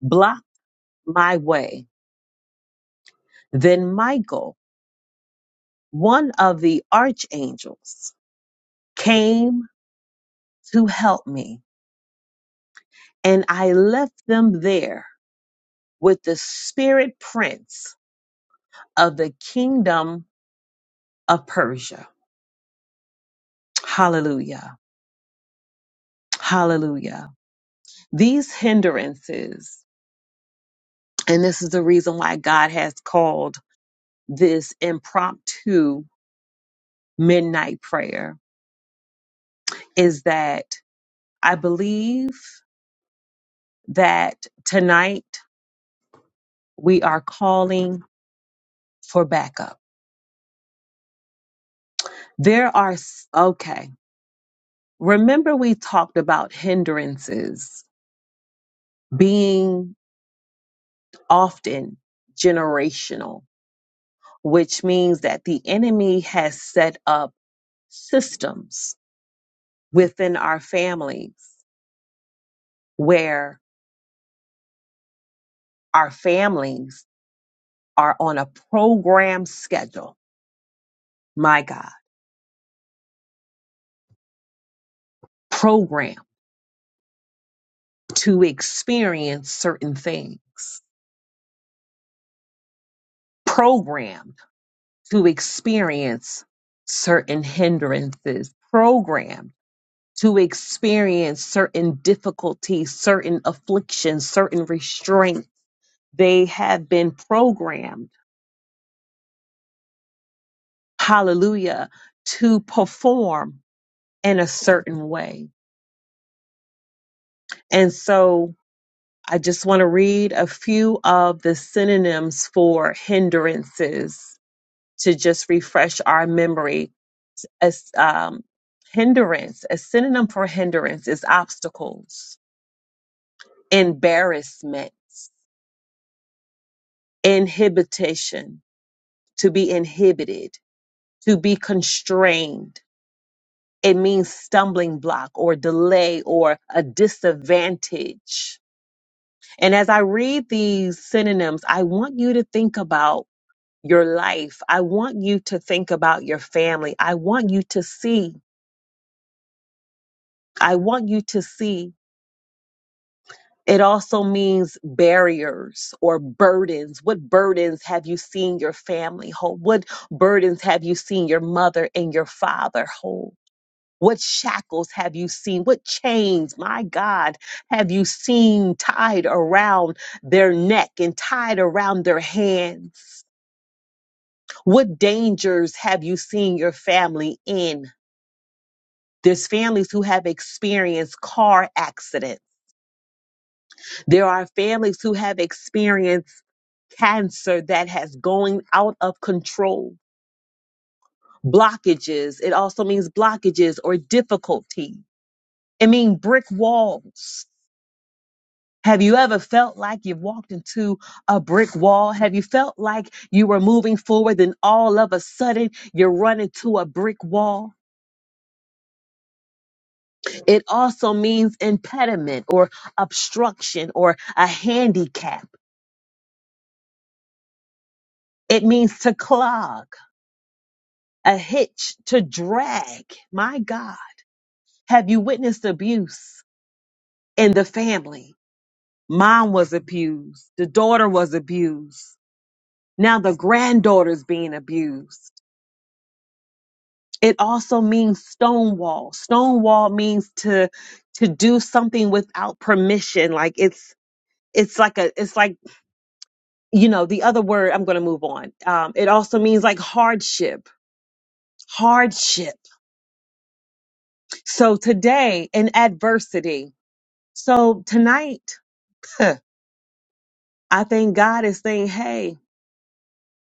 blocked my way. Then Michael, one of the archangels, came to help me. And I left them there with the spirit prince of the kingdom of Persia. Hallelujah. Hallelujah. These hindrances, and this is the reason why God has called this impromptu midnight prayer, is that I believe that tonight we are calling for backup. There are, s- okay, remember we talked about hindrances being often generational, which means that the enemy has set up systems within our families where our families are on a program schedule. My God, program to experience certain things, programmed to experience certain hindrances, programmed to experience certain difficulties, certain afflictions, certain restraints. They have been programmed, hallelujah, to perform in a certain way And so I just want to read a few of the synonyms for hindrances to just refresh our memory. As um, hindrance, a synonym for hindrance is obstacles, embarrassment, inhibition, to be inhibited, to be constrained. It means stumbling block or delay or a disadvantage. And as I read these synonyms, I want you to think about your life. I want you to think about your family. I want you to see. I want you to see. It also means barriers or burdens. What burdens have you seen your family hold? What burdens have you seen your mother and your father hold? What shackles have you seen? What chains, my God, have you seen tied around their neck and tied around their hands? What dangers have you seen your family in? There's families who have experienced car accidents. There are families who have experienced cancer that has going out of control, blockages. It also means blockages or difficulty. It means brick walls. Have you ever felt like you've walked into a brick wall? Have you felt like you were moving forward and all of a sudden you run into a brick wall? It also means impediment or obstruction or a handicap. It means to clog, a hitch, to drag. My God, have you witnessed abuse in the family? Mom was abused. The daughter was abused. Now the granddaughter's being abused. It also means stonewall. Stonewall means to to do something without permission. Like it's it's like a it's like you know the other word. I'm going to move on. Um, it also means like hardship. Hardship So today in adversity. So tonight, <laughs> I think God is saying, Hey,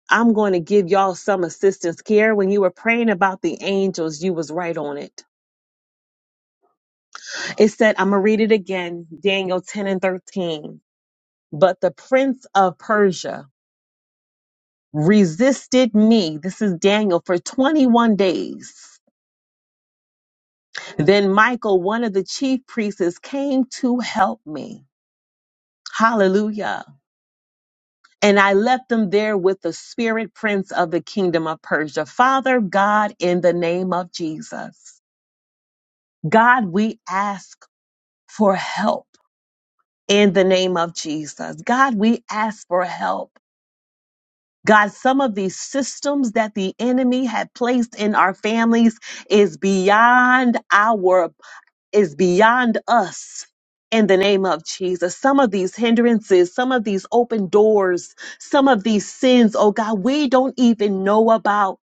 I'm going to give y'all some assistance. Kiara, when you were praying about the angels, you was right on it. It said, I'm going to read it again, Daniel 10 and 13. But the prince of Persia resisted me. This is Daniel for 21 days. Then Michael, one of the chief priests, came to help me. Hallelujah. And I left them there with the spirit prince of the kingdom of Persia. Father God, in the name of Jesus, God, we ask for help in the name of Jesus. God, we ask for help. God, some of these systems that the enemy had placed in our families is beyond our is beyond us in the name of Jesus. Some of these hindrances, some of these open doors, some of these sins, oh God, we don't even know about.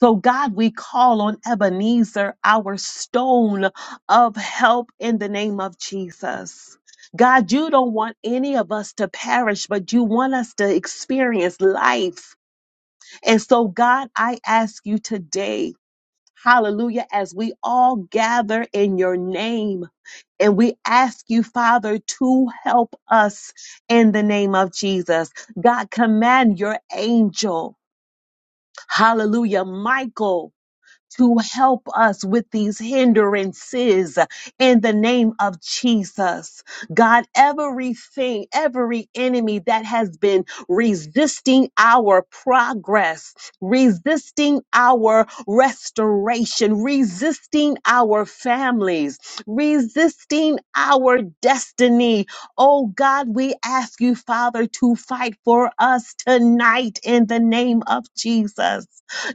So, God, we call on Ebenezer, our stone of help in the name of Jesus. God, you don't want any of us to perish, but you want us to experience life. And so, God, I ask you today Hallelujah. As we all gather in your name and we ask you, Father, to help us in the name of Jesus. God, command your angel. Hallelujah. Michael to help us with these hindrances in the name of Jesus. God, everything, every enemy that has been resisting our progress, resisting our restoration, resisting our families, resisting our destiny. Oh God, we ask you, Father, to fight for us tonight in the name of Jesus.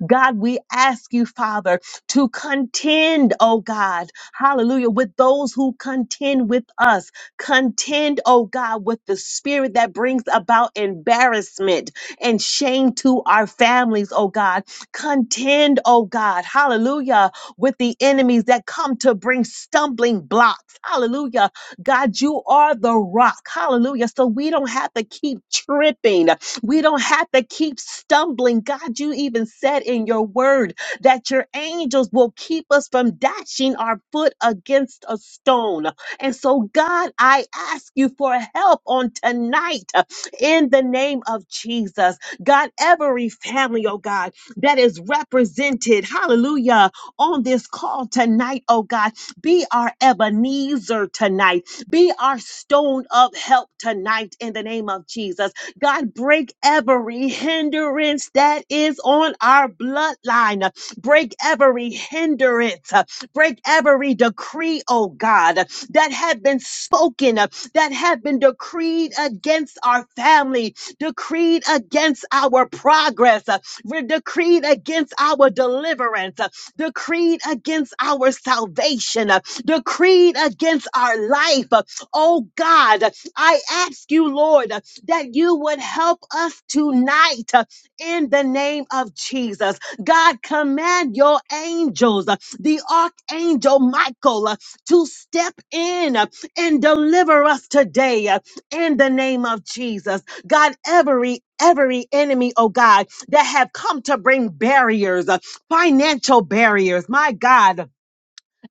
God, we ask you, Father, to contend, oh God, hallelujah, with those who contend with us. Contend, oh God, with the spirit that brings about embarrassment and shame to our families, oh God. Contend, oh God, hallelujah, with the enemies that come to bring stumbling blocks, hallelujah. God, you are the rock, hallelujah. So we don't have to keep tripping, we don't have to keep stumbling. God, you even said in your word that your angels will keep us from dashing our foot against a stone. And so, God, I ask you for help on tonight uh, in the name of Jesus. God, every family, oh God, that is represented, hallelujah, on this call tonight, oh God, be our Ebenezer tonight, be our stone of help tonight in the name of Jesus. God, break every hindrance that is on our bloodline. Break every hindrance. uh, Break every decree, oh God, that have been spoken, uh, that have been decreed against our family, decreed against our progress, uh, re- decreed against our deliverance, uh, decreed against our salvation, uh, decreed against our life. uh, Oh God, I ask you, Lord, that you would help us tonight uh, in the name of Jesus. God, command your angels, uh, the archangel Michael, uh, to step in uh, and deliver us today uh, in the name of Jesus. God, every Every enemy, oh God, that have come to bring barriers, uh, financial barriers, my God,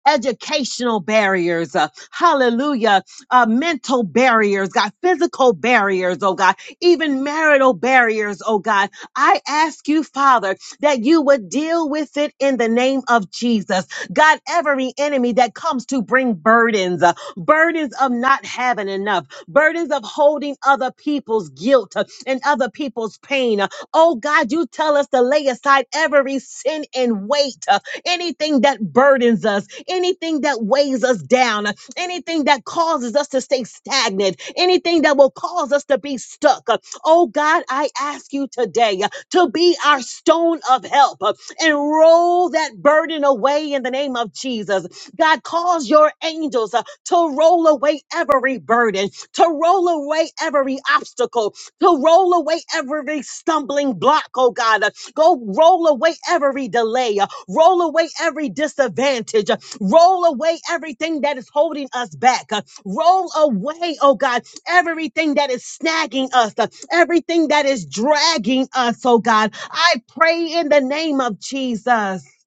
educational barriers, uh, hallelujah, uh, mental barriers, God, physical barriers, oh God, even marital barriers, oh God. I ask you, Father, that you would deal with it in the name of Jesus. God, every enemy that comes to bring burdens, uh, burdens of not having enough, burdens of holding other people's guilt uh, and other people's pain. Uh, oh God, you tell us to lay aside every sin and weight, uh, anything that burdens us, anything that weighs us down, anything that causes us to stay stagnant, anything that will cause us to be stuck. Oh God, I ask you today uh, to be our stone of help uh, and roll that burden away in the name of Jesus. God, cause your angels uh, to roll away every burden, to roll away every obstacle, to roll away every stumbling block, oh God. Uh, Go roll away every delay, uh, roll away every disadvantage, Roll away everything that is holding us back. uh, Roll away, oh God, everything that is snagging us, uh, everything that is dragging us, oh God. I pray in the name of Jesus that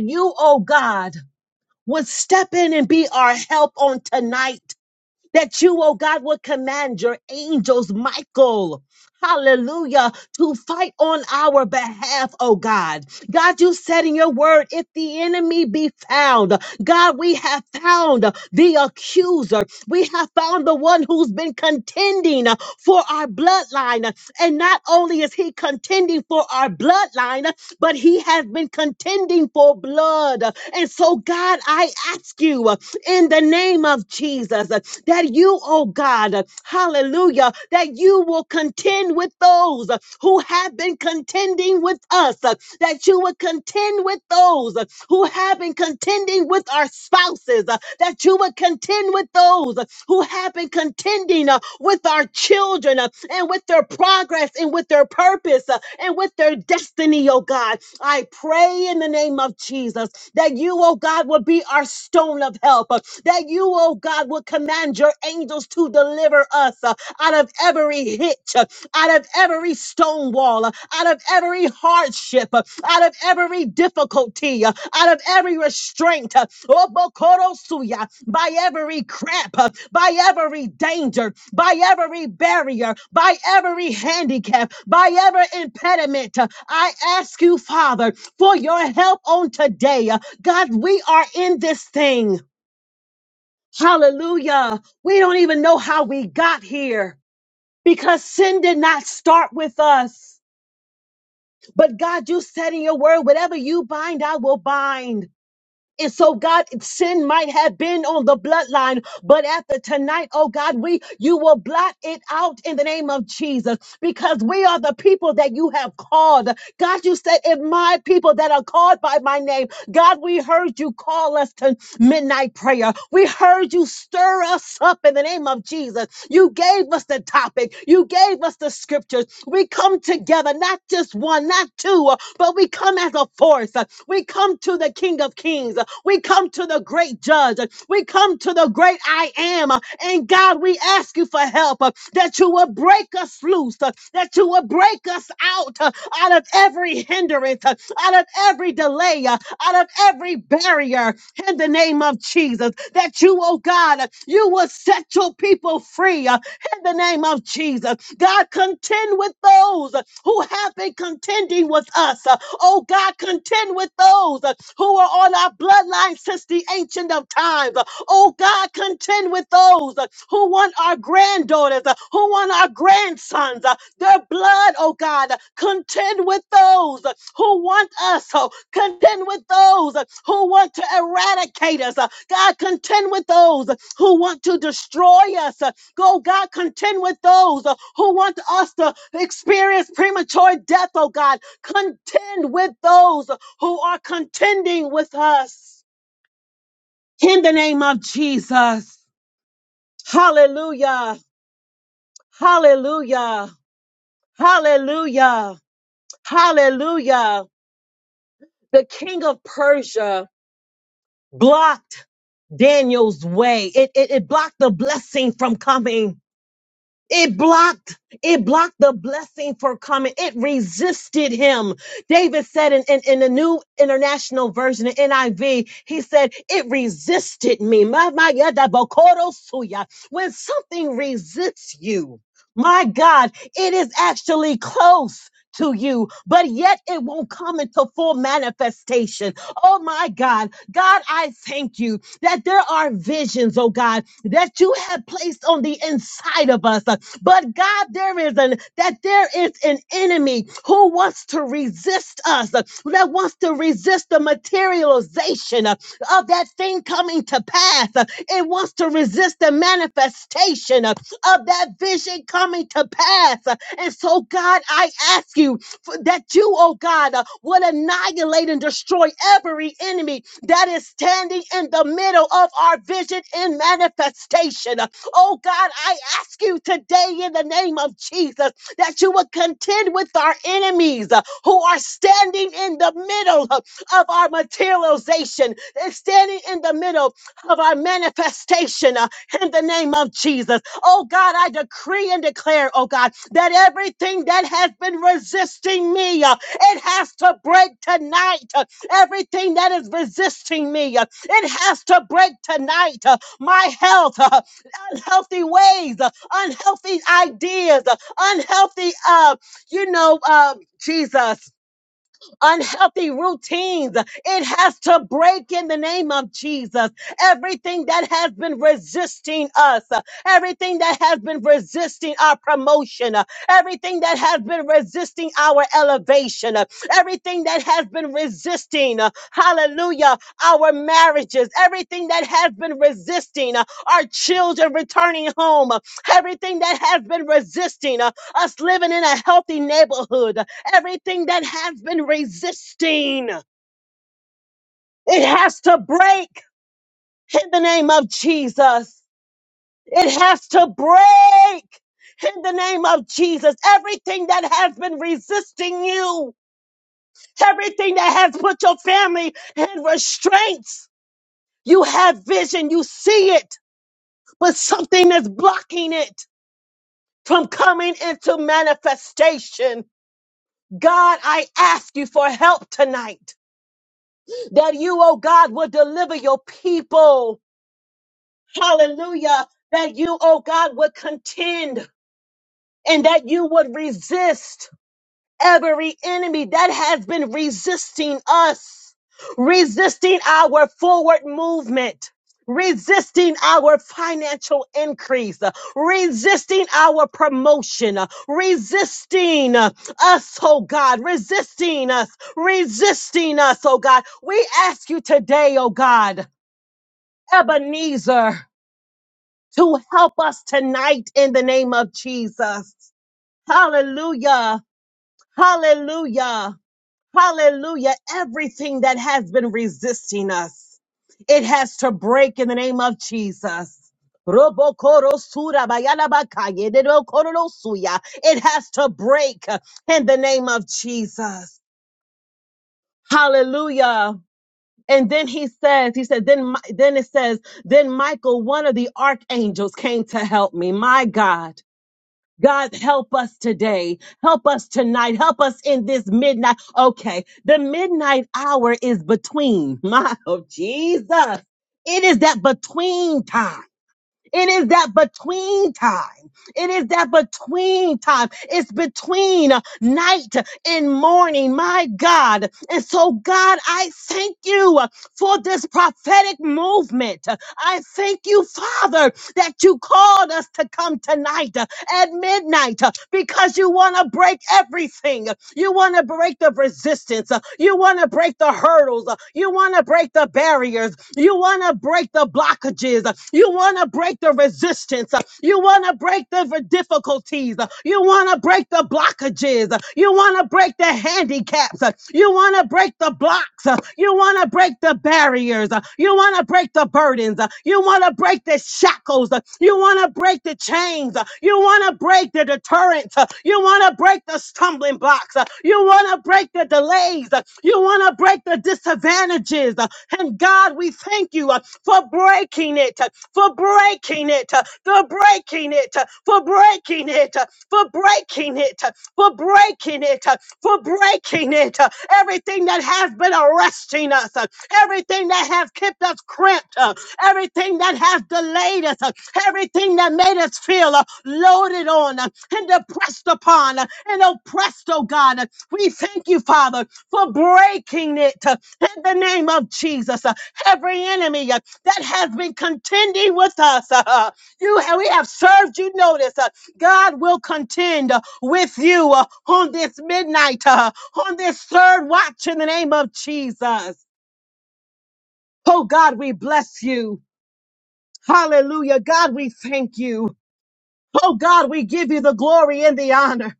you, oh God, would step in and be our help on tonight that you, oh God, would command your angels, Michael, hallelujah, to fight on our behalf, oh God. God, you said in your word, if the enemy be found, God, we have found the accuser. We have found the one who's been contending for our bloodline. And not only is he contending for our bloodline, but he has been contending for blood. And so, God, I ask you, in the name of Jesus. uh, That you, oh God, uh, hallelujah, that you will contend with those uh, who have been contending with us, uh, that you will contend with those uh, who have been contending with our spouses, uh, that you would contend with those who have been contending uh, with our children uh, and with their progress and with their purpose uh, and with their destiny, oh God. I pray in the name of Jesus that you, oh God, will be our stone of help, uh, that you, oh God, will command your angels to deliver us uh, out of every hitch, uh, out of every stone wall, uh, out of every hardship, uh, out of every difficulty, uh, out of every restraint, uh, Obokorosuya, by every crap, uh, by every danger, by every barrier, by every handicap, by every impediment. uh, I ask you, Father, for your help on today. Uh, God, we are in this thing. Hallelujah. We don't even know how we got here because sin did not start with us. But God, you said in your word, whatever you bind, I will bind. And so, God, sin might have been on the bloodline, but after tonight, oh God, we you will blot it out in the name of Jesus, because we are the people that you have called. God, you said, "If my people that are called by my name, God, we heard you call us tonight." midnight prayer. We heard you stir us up in the name of Jesus. You gave us the topic, you gave us the scriptures. We come together, not just one, not two, uh, but we come as a force. Uh, We come to the King of Kings, Uh, we come to the great judge, Uh, we come to the great I am. Uh, And God, we ask you for help uh, that you will break us loose, uh, that you will break us out, uh, out of every hindrance, uh, out of every delay. uh, out of every barrier in the name of Jesus. That you, oh God, you will set your people free uh, in the name of Jesus. God, contend with those who have been contending with us. uh, Oh God, contend with those uh, who are on our bloodline since the ancient of times. Uh, Oh God, contend with those uh, who want our granddaughters, uh, who want our grandsons, uh, their blood, oh God. Uh, Contend with those uh, who want us, oh, contend with those uh, who want to eradicate us. uh, God, contend with those uh, who want to destroy us. uh, Go, God, contend with those uh, who want us to experience premature death, oh God. Contend with those who are contending with us in the name of Jesus. Hallelujah. Hallelujah. Hallelujah. Hallelujah. The king of Persia blocked Daniel's way. It, it, it blocked the blessing from coming. It blocked, it blocked the blessing for coming. It resisted him. David said in, in, in the new international version of NIV, he said, it resisted me. My, my, yeah, that bokoro suya. When something resists you, my God, it is actually close to you, but yet it won't come into full manifestation. Oh my God. God, I thank you that there are visions, oh God, that you have placed on the inside of us. But God, there is an that there is an enemy who wants to resist us, that wants to resist the materialization of of that thing coming to pass. It wants to resist the manifestation of of that vision coming to pass. And so, God, I ask you for- that you, oh God, uh, would annihilate and destroy every enemy that is standing in the middle of our vision and manifestation. Uh, Oh God, I ask you today in the name of Jesus that you would contend with our enemies uh, who are standing in the middle uh, of our materialization. They're standing in the middle of our manifestation uh, in the name of Jesus. Oh God, I decree and declare, oh God, that everything that has been resisting me, uh, it has to break tonight. Uh, everything that is resisting me, uh, it has to break tonight. Uh, my health, uh, unhealthy ways, uh, unhealthy ideas, uh, unhealthy, uh, you know, uh, Jesus unhealthy routines. It has to break in the name of Jesus. Everything that has been resisting us, uh, everything that has been resisting our promotion, uh, everything that has been resisting our elevation, uh, everything that has been resisting, uh, hallelujah, our marriages, everything that has been resisting uh, our children returning home, uh, everything that has been resisting uh, us living in a healthy neighborhood, Everything that has been resisting, it has to break in the name of Jesus. It has to break in the name of Jesus. Everything that has been resisting you, everything that has put your family in restraints, you have vision, you see it, but something is blocking it from coming into manifestation. God, I ask you for help tonight. that you, oh God, will deliver your people. Hallelujah. That you, oh God, would contend and that you would resist every enemy that has been resisting us, resisting our forward movement. Resisting our financial increase, uh, resisting our promotion, uh, resisting uh, us, oh God, resisting us, resisting us, oh God. We ask you today, oh God. Ebenezer to help us tonight in the name of Jesus. Hallelujah. Hallelujah. Hallelujah. Everything that has been resisting us, it has to break in the name of Jesus. Robokoro sura bayala It has to break in the name of Jesus. Hallelujah. And then he says, he said, then, Mi- then it says, then Michael, one of the archangels came to help me. My God. God, help us today. Help us tonight. Help us in this midnight. Okay. The midnight hour is between <laughs> my, oh, Jesus. It is that between time. It is that between time. It is that between time. It's between uh, night and morning, my God. And so, God, I thank you uh, for this prophetic movement. I thank you, Father, that you called us to come tonight. uh, at midnight uh, because you want to break everything. You want to break the resistance. uh, You want to break the hurdles. uh, You want to break the barriers. You want to break the blockages. uh, You want to break the resistance. uh, You want to break the v- difficulties. uh, You want to break the blockages. uh, You want to break the handicaps. uh, You want to break the blocks. uh, You want to break break the barriers. Uh, You want to break the burdens. Uh, You want to break the shackles. Uh, You want to break the chains. Uh, You want to break the deterrent. Uh, You want to break the stumbling blocks. Uh, You want to break the delays. Uh, You want to break the disadvantages. Uh, And God, we thank you uh, for breaking it, uh, for breaking it, uh, for breaking it, uh, for breaking it, uh, for breaking it. uh, for breaking it, uh, for breaking it. uh, Everything that has been arresting us, uh, everything that has kept us cramped, uh, everything that has delayed us, uh, everything that made us feel uh, loaded on uh, and depressed upon uh, and oppressed, oh God. uh, We thank you, Father, for breaking it uh, in the name of Jesus. uh, Every enemy uh, that has been contending with us, <laughs> uh, uh, you we have served you notice. uh, God will contend uh, with you uh, on this midnight, uh, on this third watch in the name of Jesus. Oh God, we bless you. Hallelujah. God, we thank you. Oh God, we give you the glory and the honor.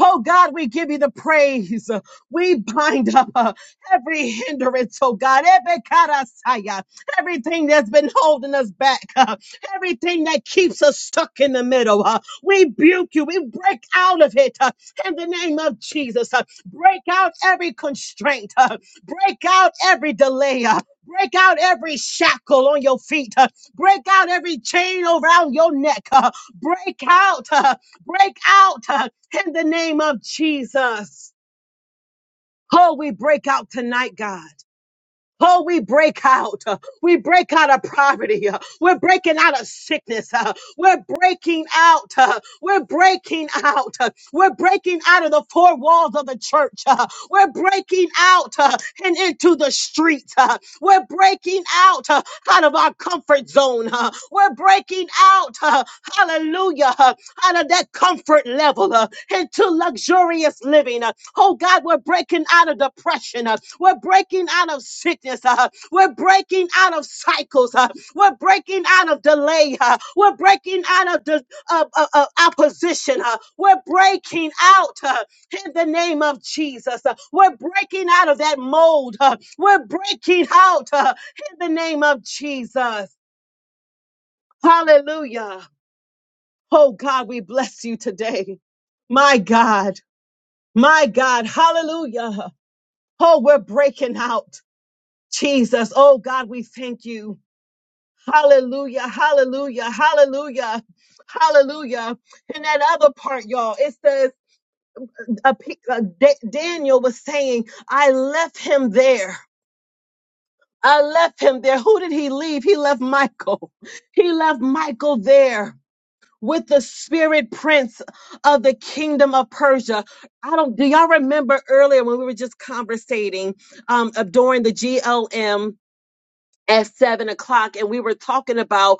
Oh God, we give you the praise. We bind up uh, every hindrance, oh God, every karasaya, everything that's been holding us back, uh, everything that keeps us stuck in the middle. uh, we rebuke you. We break out of it uh, in the name of Jesus. uh, break out every constraint. uh, break out every delay. uh, break out every shackle on your feet. uh, break out every chain around your neck. uh, break out. uh, break out. Uh, in the name of Jesus. Oh, we break out tonight, God. Oh, we break out. Uh, We break out of poverty. Uh, We're breaking out of sickness. Uh, We're breaking out. Uh, We're breaking out. Uh, We're breaking out of the four walls of the church. Uh, We're breaking out uh, and into the streets. Uh, We're breaking out uh, out of our comfort zone. Uh, We're breaking out, uh, hallelujah, uh, out of that comfort level uh, into luxurious living. Oh God, we're breaking out of depression. uh, We're breaking out of sickness. uh, We're breaking out of cycles. uh, We're breaking out of delay. uh, We're breaking out of, the of, of, of opposition. uh, We're breaking out uh, in the name of Jesus. uh, We're breaking out of that mold. uh, We're breaking out uh, in the name of Jesus. Hallelujah. Oh God, we bless you today. My God, my God, hallelujah. Oh, we're breaking out. Jesus. Oh, God, we thank you. Hallelujah. Hallelujah. Hallelujah. Hallelujah. And that other part, y'all, it's the uh, P- uh, Da- Daniel was saying, I left him there. I left him there. Who did he leave? He left Michael. <laughs> He left Michael there with the spirit prince of the kingdom of Persia. I don't, do y'all remember earlier when we were just conversating um, uh, during the GLM? at seven o'clock and we were talking about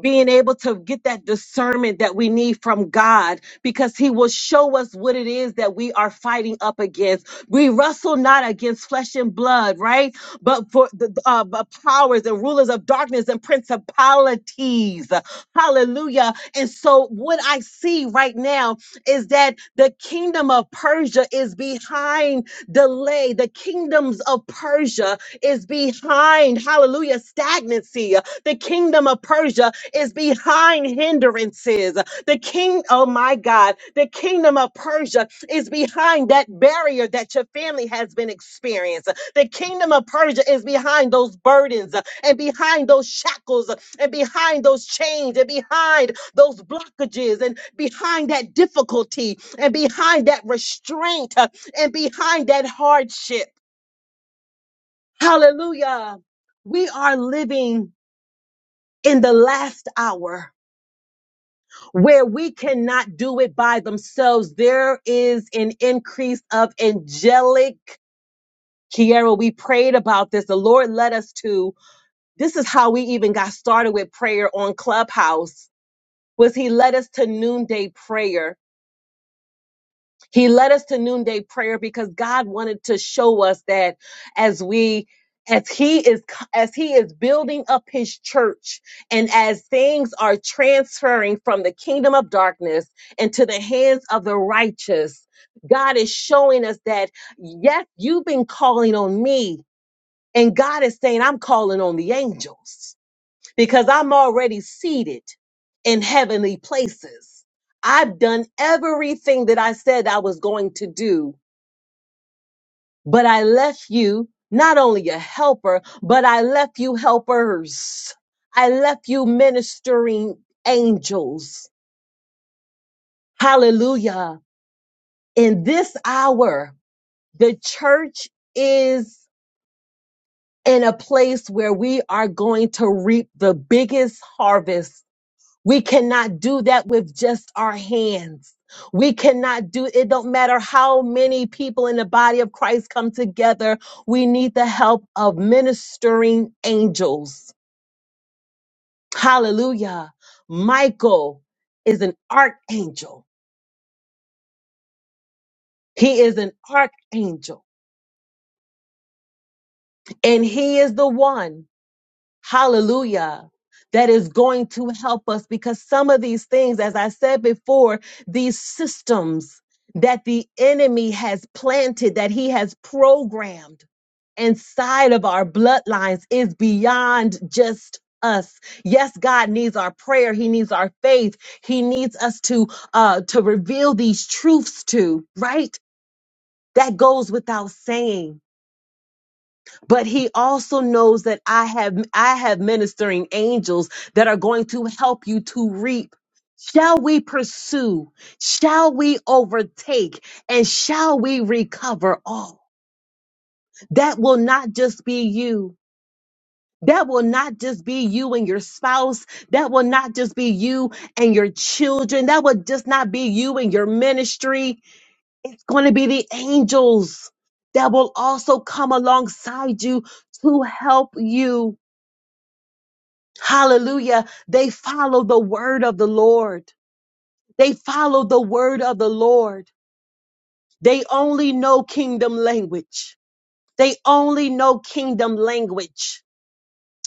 being able to get that discernment that we need from God because He will show us what it is that we are fighting up against. We wrestle not against flesh and blood, right? But for the uh, but powers and rulers of darkness and principalities. Hallelujah. And so, what I see right now is that the kingdom of Persia is behind delay, the kingdoms of Persia is behind, hallelujah, stagnancy. The kingdom of Persia is behind hindrances. The king, oh my God, the kingdom of Persia is behind that barrier that your family has been experiencing. The kingdom of Persia is behind those burdens uh, and behind those shackles uh, and behind those chains and behind those blockages and behind that difficulty and behind that restraint uh, and behind that hardship. Hallelujah. We are living in the last hour. where we cannot do it by themselves. There is an increase of angelic. Kiara, we prayed about this. The Lord led us to. This is how we even got started with prayer on Clubhouse. Was He led us to noonday prayer? He led us to noonday prayer because God wanted to show us that as we as he is as he is building up his church and as things are transferring from the kingdom of darkness into the hands of the righteous God is showing us that yes you've been calling on me and God is saying I'm calling on the angels because I'm already seated in heavenly places. I've done everything that I said I was going to do, but I left you not only a helper, but I left you helpers. I left you ministering angels. Hallelujah. In this hour, the church is in a place where we are going to reap the biggest harvest We cannot do that with just our hands. We cannot do it don't matter how many people in the body of Christ come together. We need the help of ministering angels. Hallelujah. Michael is an archangel. He is an archangel and he is the one. Hallelujah. That is going to help us because some of these things, as I said before, these systems that the enemy has planted, that he has programmed inside of our bloodlines is beyond just us. Yes, God needs our prayer. He needs our faith. He needs us to uh to reveal these truths to, right? That goes without saying but he also knows that I have I have ministering angels that are going to help you to reap. Shall we pursue? Shall we overtake? And shall we recover all? That will not just be you. That will not just be you and your spouse. That will not just be you and your children. That will just not be you and your ministry. It's going to be the angels that will also come alongside you to help you Hallelujah. They follow the word of the Lord. They follow the word of the Lord. They only know kingdom language. They only know kingdom language.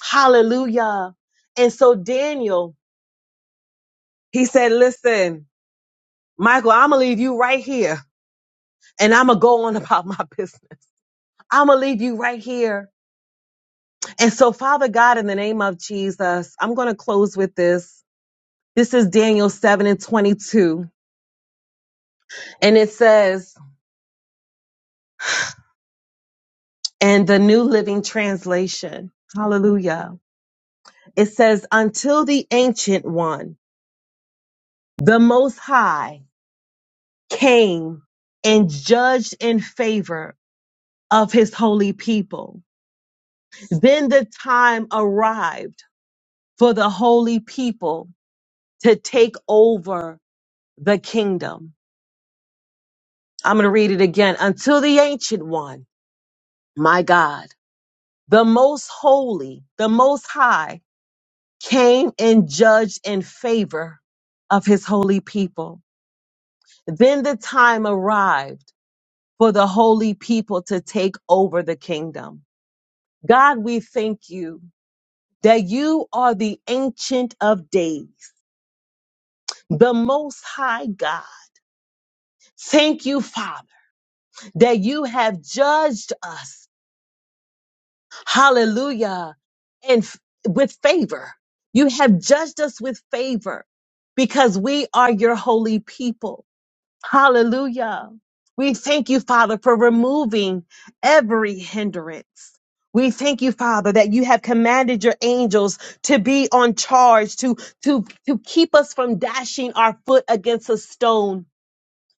Hallelujah. And so Daniel, he said, Listen, Michael, I'm going to leave you right here and I'm going to go on <laughs> about my business. I'm going to leave you right here. And so, Father God, in the name of Jesus, I'm going to close with this. This is Daniel 7 and 22. And it says, and the New Living Translation. Hallelujah. It says, until the ancient one, the most high came and judged in favor of his holy people. Then the time arrived for the holy people to take over the kingdom. I'm going to read it again. Until the ancient one, my God, the most holy, the most high came and judged in favor of his holy people. Then the time arrived for the holy people to take over the kingdom. God, we thank you that you are the ancient of days, the most high God. Thank you, Father, that you have judged us. Hallelujah. And f- with favor, you have judged us with favor because we are your holy people. Hallelujah. We thank you, Father, for removing every hindrance. We thank you, Father, that you have commanded your angels to be on charge, to, to, to keep us from dashing our foot against a stone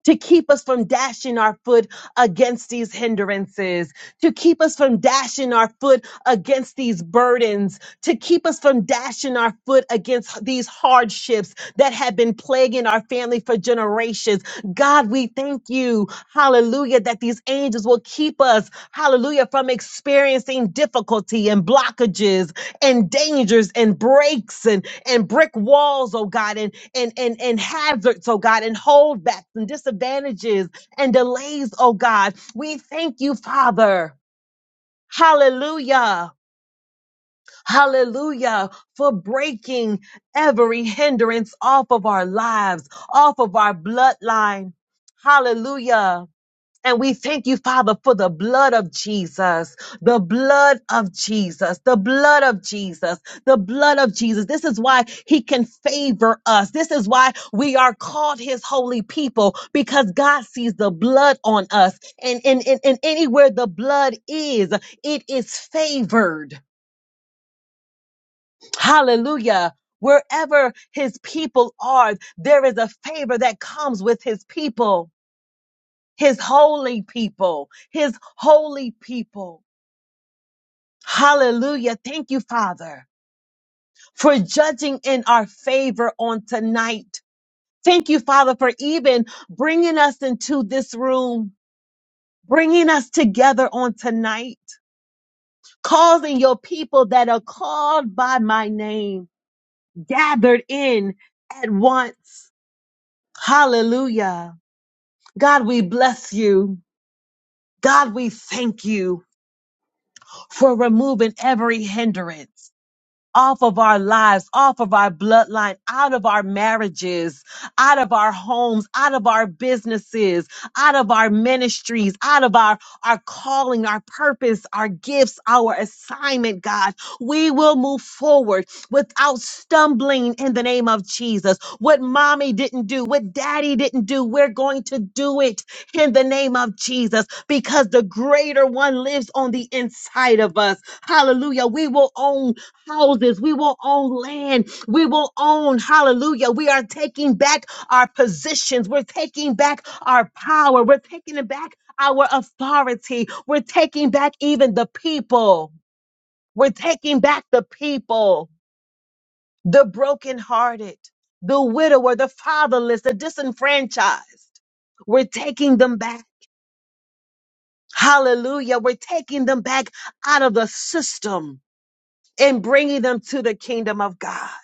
to keep us from dashing our foot against these hindrances, to keep us from dashing our foot against these burdens, to keep us from dashing our foot against these hardships that have been plaguing our family for generations. God, we thank you, hallelujah, that these angels will keep us, hallelujah, from experiencing difficulty and blockages and dangers and breaks and, and brick walls, oh God, and and and hazards, oh God, and holdbacks and disadvantages and delays, oh God. We thank you, Father. Hallelujah. Hallelujah for breaking every hindrance off of our lives, off of our bloodline. Hallelujah. And we thank you, Father, for the blood of Jesus, the blood of Jesus, the blood of Jesus, the blood of Jesus. This is why he can favor us. This is why we are called his holy people because God sees the blood on us. And, and, and, and anywhere the blood is, it is favored. Hallelujah. Wherever his people are, there is a favor that comes with his people his holy people, his holy people. Hallelujah. Thank you, Father, for judging in our favor on tonight. Thank you, Father, for even bringing us into this room, bringing us together on tonight, causing your people that are called by my name gathered in at once. Hallelujah. God, we bless you. God, we thank you for removing every hindrance. off of our lives, off of our bloodline, out of our marriages, out of our homes, out of our businesses, out of our ministries, out of our, our calling, our purpose, our gifts, our assignment, God. We will move forward without stumbling in the name of Jesus. What mommy didn't do, what daddy didn't do, we're going to do it in the name of Jesus because the greater one lives on the inside of us. Hallelujah. We will own houses. We will own land. We will own, hallelujah. We are taking back our positions. We're taking back our power. We're taking it back our authority. We're taking back even the people. We're taking back the people, the brokenhearted, the widower, the fatherless, the disenfranchised. We're taking them back. Hallelujah. We're taking them back out of the system and bringing them to the kingdom of God.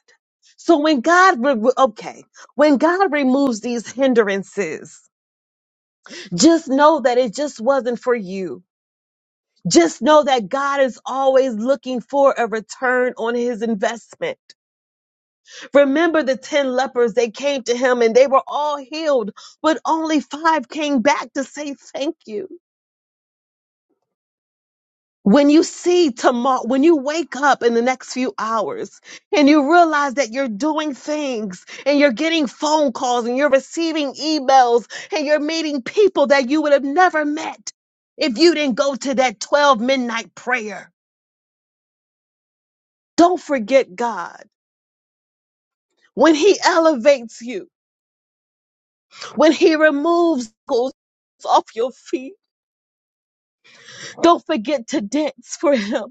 So when God, re- okay, when God removes these hindrances, just know that it just wasn't for you. Just know that God is always looking for a return on his investment. Remember the 10 lepers, they came to him and they were all healed, but only five came back to say thank you. When you see tomorrow, when you wake up in the next few hours and you realize that you're doing things and you're getting phone calls and you're receiving emails and you're meeting people that you would have never met if you didn't go to that 12 midnight prayer. Don't forget God. When He elevates you, when He removes goals off your feet, don't forget to dance for Him.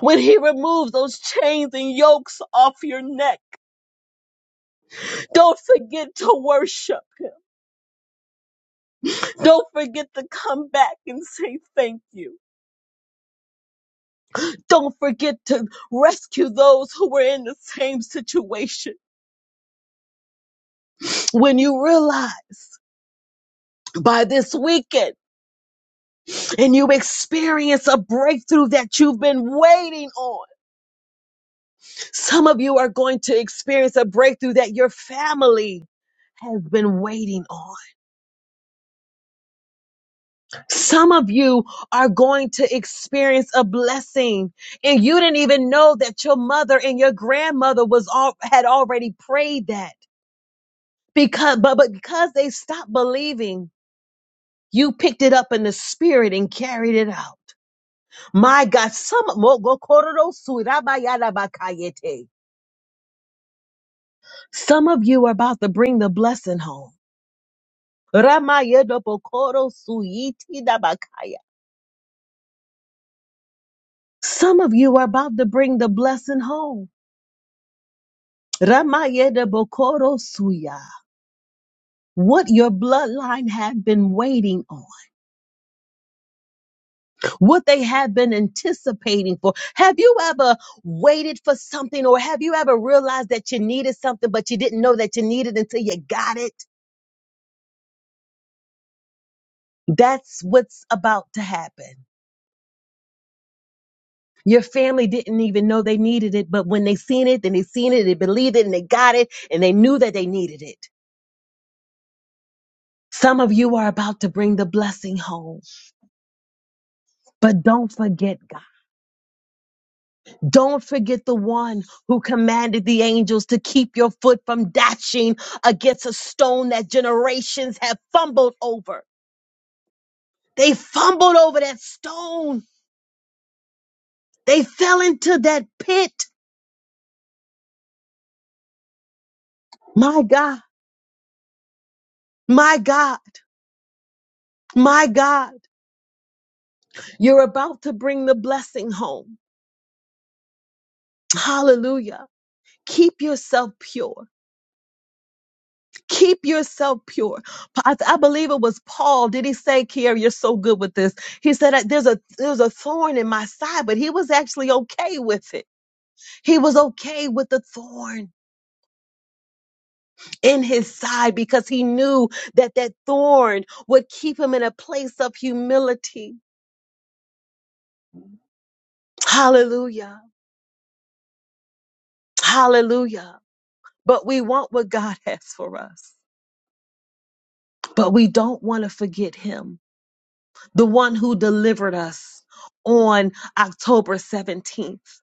When He removes those chains and yokes off your neck, Don't forget to worship Him. Don't forget to come back and say thank you. Don't forget to rescue those who were in the same situation. When you realize by this weekend and you experience a breakthrough that you've been waiting on, some of you are going to experience a breakthrough that your family has been waiting on. Some of you are going to experience a blessing and you didn't even know that your mother and your grandmother was all had already prayed that because but, but because they stopped believing, you picked it up in the spirit and carried it out. My God, some go- kororo su- rabayadabakayete. some of you are about to bring the blessing home. Ramayedopokoro suyitidabakaya. Some of you are about to bring the blessing home. Ramayede Bokoro Suya. What your bloodline have been waiting on, what they have been anticipating for. Have you ever waited for something, or have you ever realized that you needed something, but you didn't know that you needed until you got it? That's what's about to happen. Your family didn't even know they needed it, but when they seen it, then they seen it, they believed it, and they got it, and they knew that they needed it. Some of you are about to bring the blessing home, but don't forget God. Don't forget the one who commanded the angels to keep your foot from dashing against a stone that generations have fumbled over. They fumbled over that stone. They fell into that pit. My God, my God, my God, you're about to bring the blessing home. Hallelujah. Keep yourself pure. Keep yourself pure. Pa- I, I believe it was Paul. Did he say, Kier, you're so good with this? He said, there's a, there's a thorn in my side, but he was actually okay with it. He was okay with the thorn in his side because he knew that that thorn would keep him in a place of humility. Hallelujah. Hallelujah. But we want what God <laughs> has for us, but we don't want to forget Him, the one who delivered us on October 17th.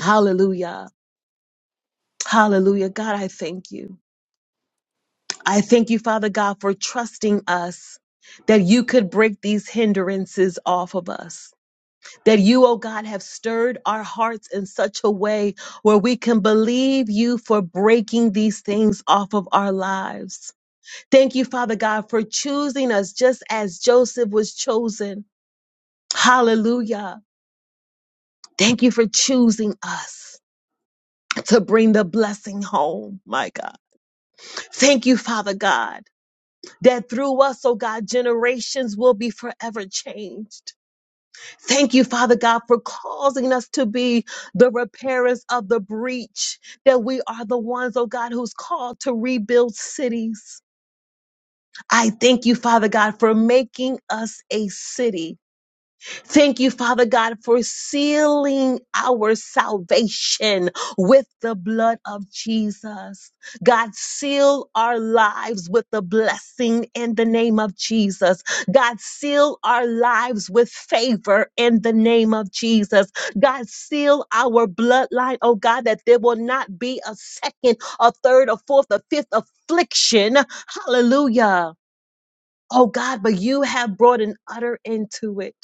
Hallelujah. Hallelujah. God, I thank you. I thank you, Father God, for trusting us that you could break these hindrances off of us. That you, oh God, have stirred our hearts in such a way where we can believe you for breaking these things off of our lives. Thank you, Father God, for choosing us just as Joseph was chosen. Hallelujah. Thank you for choosing us to bring the blessing home, my God. Thank you, Father God. that through us, oh God, generations will be forever changed. Thank you, Father God, for causing us to be the repairers of the breach, that we are the ones, oh God, who's called to rebuild cities. I thank you, Father God, for making us a city Thank you, Father God, for sealing our salvation with the blood of Jesus. God, seal our lives with the blessing in the name of Jesus. God, seal our lives with favor in the name of Jesus. God, seal our bloodline, oh God, that there will not be a second, a third, a fourth, a fifth affliction. Hallelujah. Oh God, but you have brought an utter end to it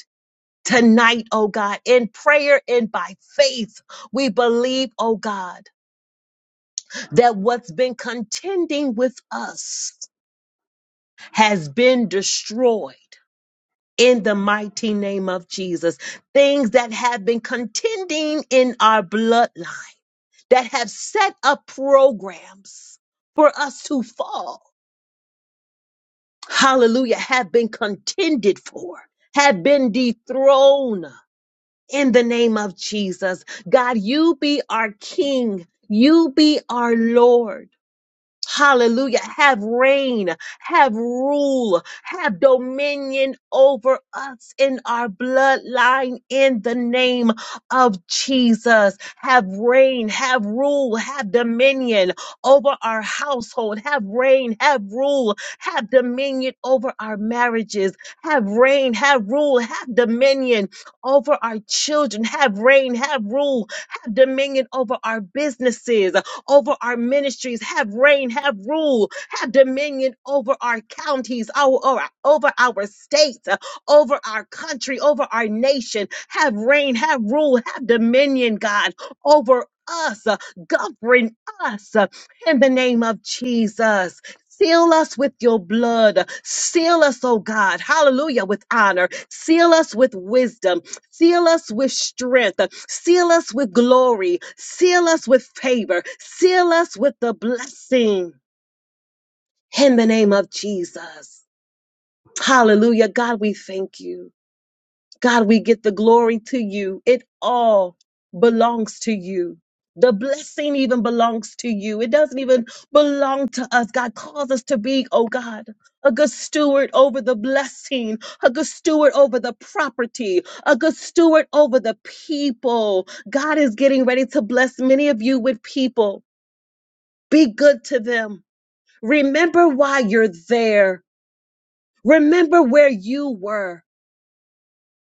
tonight, oh God, in prayer and by faith, we believe, oh God, that what's been contending with us has been destroyed. In the mighty name of Jesus, things that have been contending in our bloodline, that have set up programs for us to fall, hallelujah, have been contended for, have been dethroned in the name of Jesus. God, you be our King. You be our Lord. Hallelujah. Have reign, have rule, have dominion over us in our bloodline in the name of Jesus. Have reign, have rule, have dominion over our household. Have reign, have rule, have dominion over our marriages. Have reign, have rule, have dominion over our children. Have reign, have rule, have dominion over our businesses over our ministries. Have reign, have rule, have dominion over our counties, our, our- over our states, uh, over our country, over our nation. Have reign, have rule, have dominion, God, over us. uh, Govern us uh, in the name of Jesus. Seal us with your blood. Seal us, oh God. Hallelujah, with honor. Seal us with wisdom. Seal us with strength. Seal us with glory. Seal us with favor. Seal us with the blessing in the name of Jesus. Hallelujah. God, we thank you. God, we get the glory to you. It all belongs to you. The blessing even belongs to you. It doesn't even belong to us. God calls us to be, oh God, a good steward over the blessing, a good steward over the property, a good steward over the people. God is getting ready to bless many of you with people. Be good to them. Remember why you're there. Remember where you were.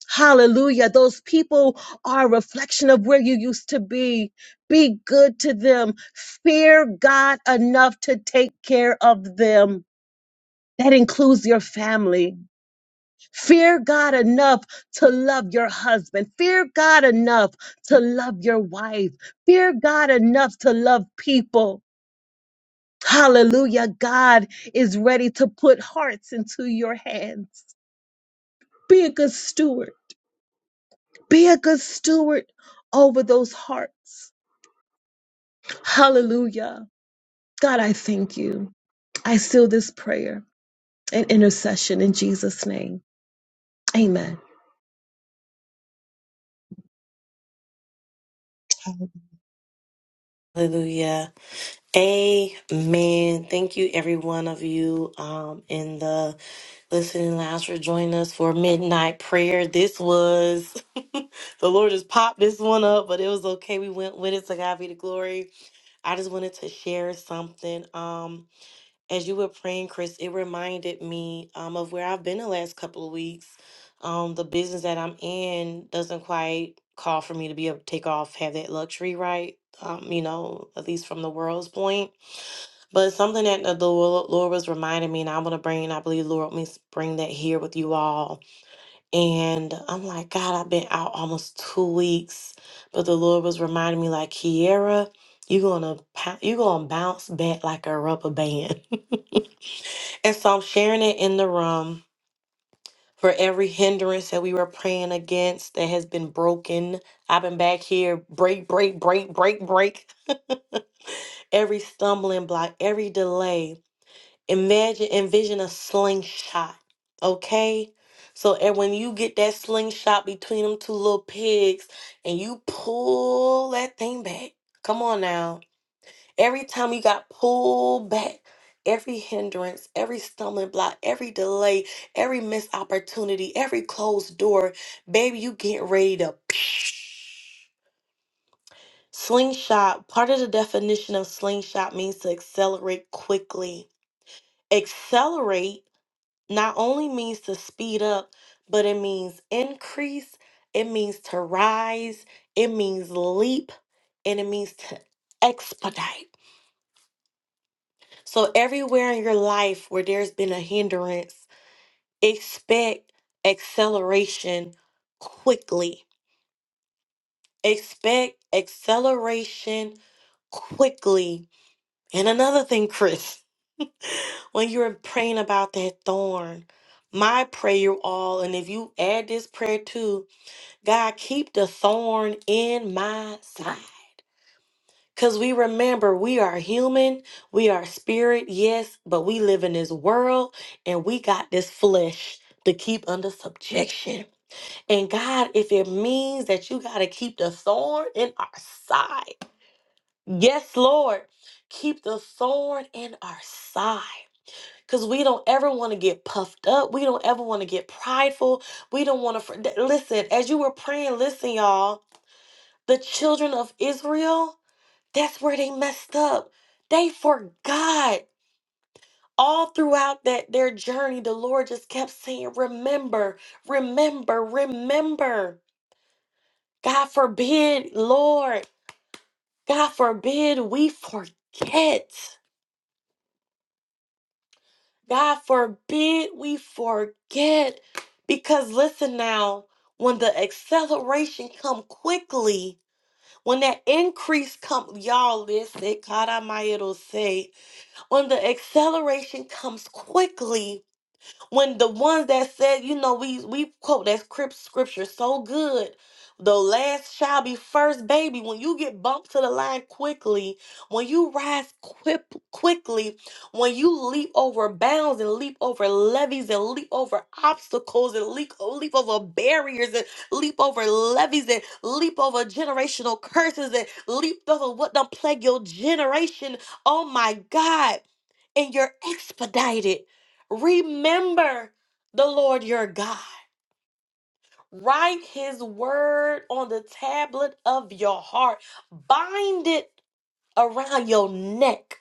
Hallelujah. Those people are a reflection of where you used to be. Be good to them. Fear God enough to take care of them. That includes your family. Fear God enough to love your husband. Fear God enough to love your wife. Fear God enough to love people. Hallelujah. God is ready to put hearts into your hands. Be a good steward Be a good steward over those hearts. Hallelujah. God, I thank you. I seal this prayer and intercession in Jesus' name. Amen. Hallelujah. Amen. Thank you, every one of you um, in the Listening Lounge for joining us for midnight prayer. This was <laughs> the Lord just popped this one up, but it was okay. We went with it. To God be the glory. I just wanted to share something. Um, as you were praying, Chris, it reminded me um of where I've been the last couple of weeks. Um, the business that I'm in doesn't quite call for me to be able to take off, have that luxury, right? Um, you know, at least from the world's point. But something that the Lord, Lord was reminding me, and I want to bring, and I believe the Lord let me s- bring that here with you all. And I'm like, God, I've been out almost two weeks, but the Lord was reminding me, like, Kiera, you're gonna pou- you're gonna bounce back like a rubber band. <laughs> And so I'm sharing it in the room for every hindrance that we were praying against that has been broken. I've been back here, break, break, break, break, break. Every stumbling block, every delay. Imagine, envision a slingshot, okay? So, and when you get that slingshot between them two little pigs and you pull that thing back, come on now. Every time you got pulled back, every hindrance, every stumbling block, every delay, every missed opportunity, every closed door, baby, you get ready to. <sniffs> <tsk> Slingshot, part of the definition of slingshot means to accelerate quickly. Accelerate not only means to speed up, but it means increase, it means to rise, it means leap, and it means to expedite. So, everywhere in your life where there's been a hindrance, expect acceleration quickly. Expect acceleration quickly. And another thing, Chris, <laughs> when you're praying about that thorn, my prayer, you all, and if you add this prayer too, God, keep the thorn in my side. Because we remember we are human, we are spirit, yes, but we live in this world and we got this flesh to keep under subjection. And God, if it means that you got to keep the thorn in our side, yes, Lord, keep the thorn in our side. Because we don't ever want to get puffed up. We don't ever want to get prideful. We don't want to. Listen, as you were praying, listen, y'all. the children of Israel, that's where they messed up. They forgot. All throughout that their journey, the Lord just kept saying, "Remember, remember, remember." God forbid, Lord, God forbid we forget. God forbid we forget because listen now, when the acceleration come quickly, when that increase come, y'all listen, God, I might it'll say When the acceleration comes quickly, when the ones that said, you know, we we quote that script scripture so good. The last shall be first, baby. When you get bumped to the line quickly, when you rise quip quickly, when you leap over bounds and leap over levees and leap over obstacles and leap, leap over barriers and leap over levees and leap over generational curses and leap over what done plague your generation. Oh my God. And you're expedited. Remember the Lord your God. Write his word on the tablet of your heart. Bind it around your neck.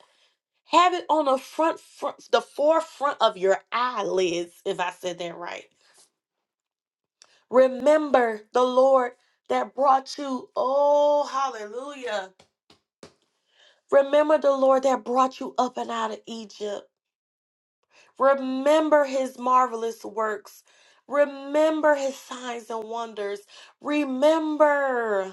Have it on the front, front the forefront of your eyelids, if I said that right. Remember the Lord that brought you. Oh, hallelujah. Remember the Lord that brought you up and out of Egypt. Remember his marvelous works. Remember his signs and wonders. Remember.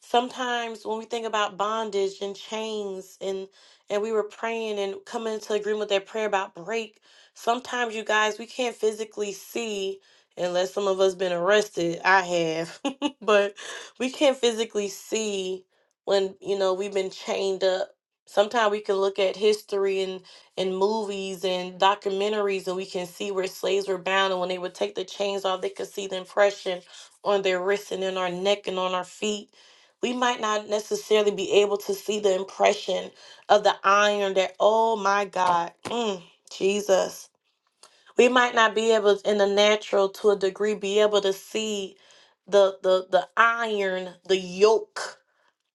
sometimes when we think about bondage and chains and and we were praying and coming into agreement with that prayer about break sometimes you guys we can't physically see unless some of us been arrested i have <laughs> but we can't physically see when you know we've been chained up sometimes we can look at history and and movies and documentaries and we can see where slaves were bound and when they would take the chains off they could see the impression on their wrists and in our neck and on our feet we might not necessarily be able to see the impression of the iron that, oh my God, mm, Jesus. We might not be able in the natural to a degree be able to see the the the iron, the yoke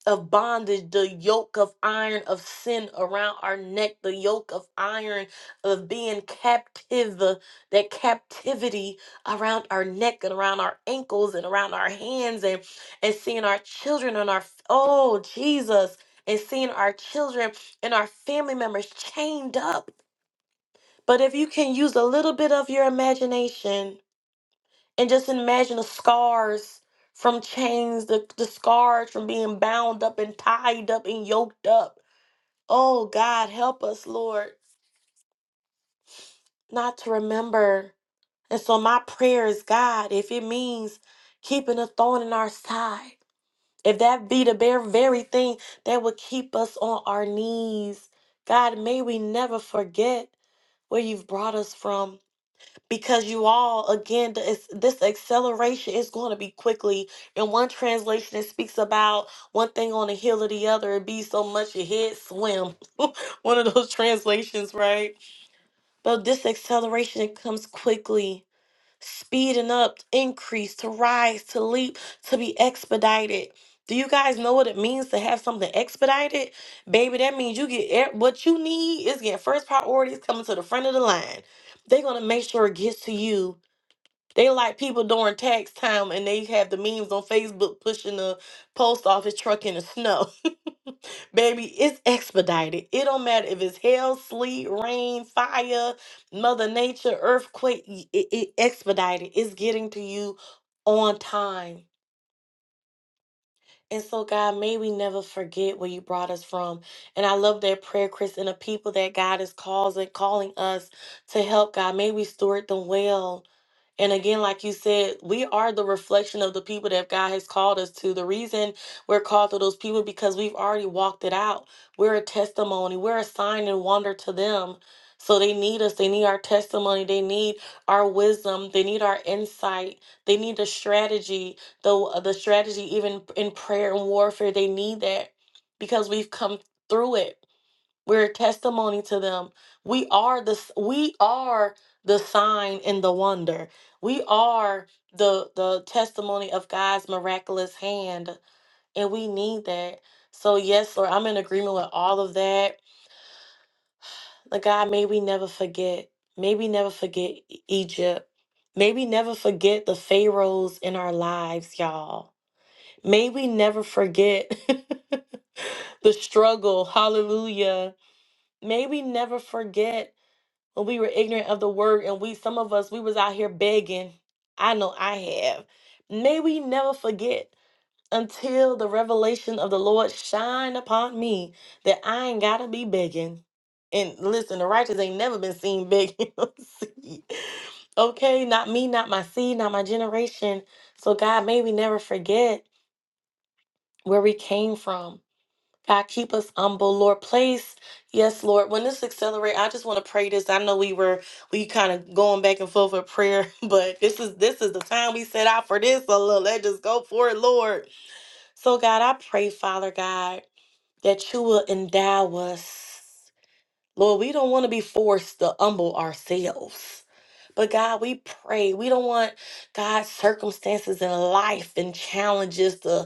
of bondage, the yoke of iron of sin around our neck, the yoke of iron of being captive, uh, that captivity around our neck and around our ankles and around our hands and, and seeing our children and our, f- oh, Jesus, and seeing our children and our family members chained up. But if you can use a little bit of your imagination, and just imagine the scars from chains, the, the scars from being bound up and tied up and yoked up. Oh, God, help us, Lord, not to remember. And so, my prayer is God, if it means keeping a thorn in our side, if that be the bare, very thing that would keep us on our knees, God, may we never forget where you've brought us from. because you all again the- it's, this acceleration is going to be quickly in one translation it speaks about one thing on the heel of the other it be so much your head swim <laughs> one of those translations right but this acceleration it comes quickly speeding up increase to rise to leap to be expedited do you guys know what it means to have something expedited baby that means you get e- what you need is getting first priorities coming to the front of the line they're going to make sure it gets to you they like people during tax time and they have the memes on Facebook pushing the post office truck in the snow. <laughs> Baby, it's expedited. It don't matter if it's hail, sleet, rain, fire, mother nature, earthquake, y- it, it expedited. It's getting to you on time. And so, God, may we never forget where you brought us from. And I love that prayer, Chris, and the people that God is causing, calling us to help, God. May we steward them well. And again, like you said, we are the reflection of the people that God has called us to. The reason we're called to those people because we've already walked it out. We're a testimony. We're a sign and wonder to them. So they need us. They need our testimony. They need our wisdom. They need our insight. They need a strategy the the strategy even in prayer and warfare they need that because we've come through it we're a testimony to them we are the s- we are the sign and the wonder we are the the testimony of god's miraculous hand and we need that so yes lord i'm in agreement with all of that Like god may we never forget may we never forget E- egypt may we never forget the pharaohs in our lives y'all May we never forget <laughs> the struggle. Hallelujah. May we never forget when we were ignorant of the word and we some of us we was out here begging. I know I have. May we never forget until the revelation of the Lord shine upon me that I ain't gotta be begging. And listen, the righteous ain't never been seen begging. <laughs> on okay, not me, not my seed, not my generation. So God, may we never forget where we came from. God, keep us humble, Lord. Place, yes, Lord. When this accelerate, I just want to pray this. I know we were we kind of going back and forth with prayer, <laughs> but this is this is the time we set out for this. So look, let's just go for it, Lord. So God, I pray, Father God, that you will endow us, Lord. We don't want to be forced to humble ourselves. But God, we pray. We don't want God's circumstances in life and challenges to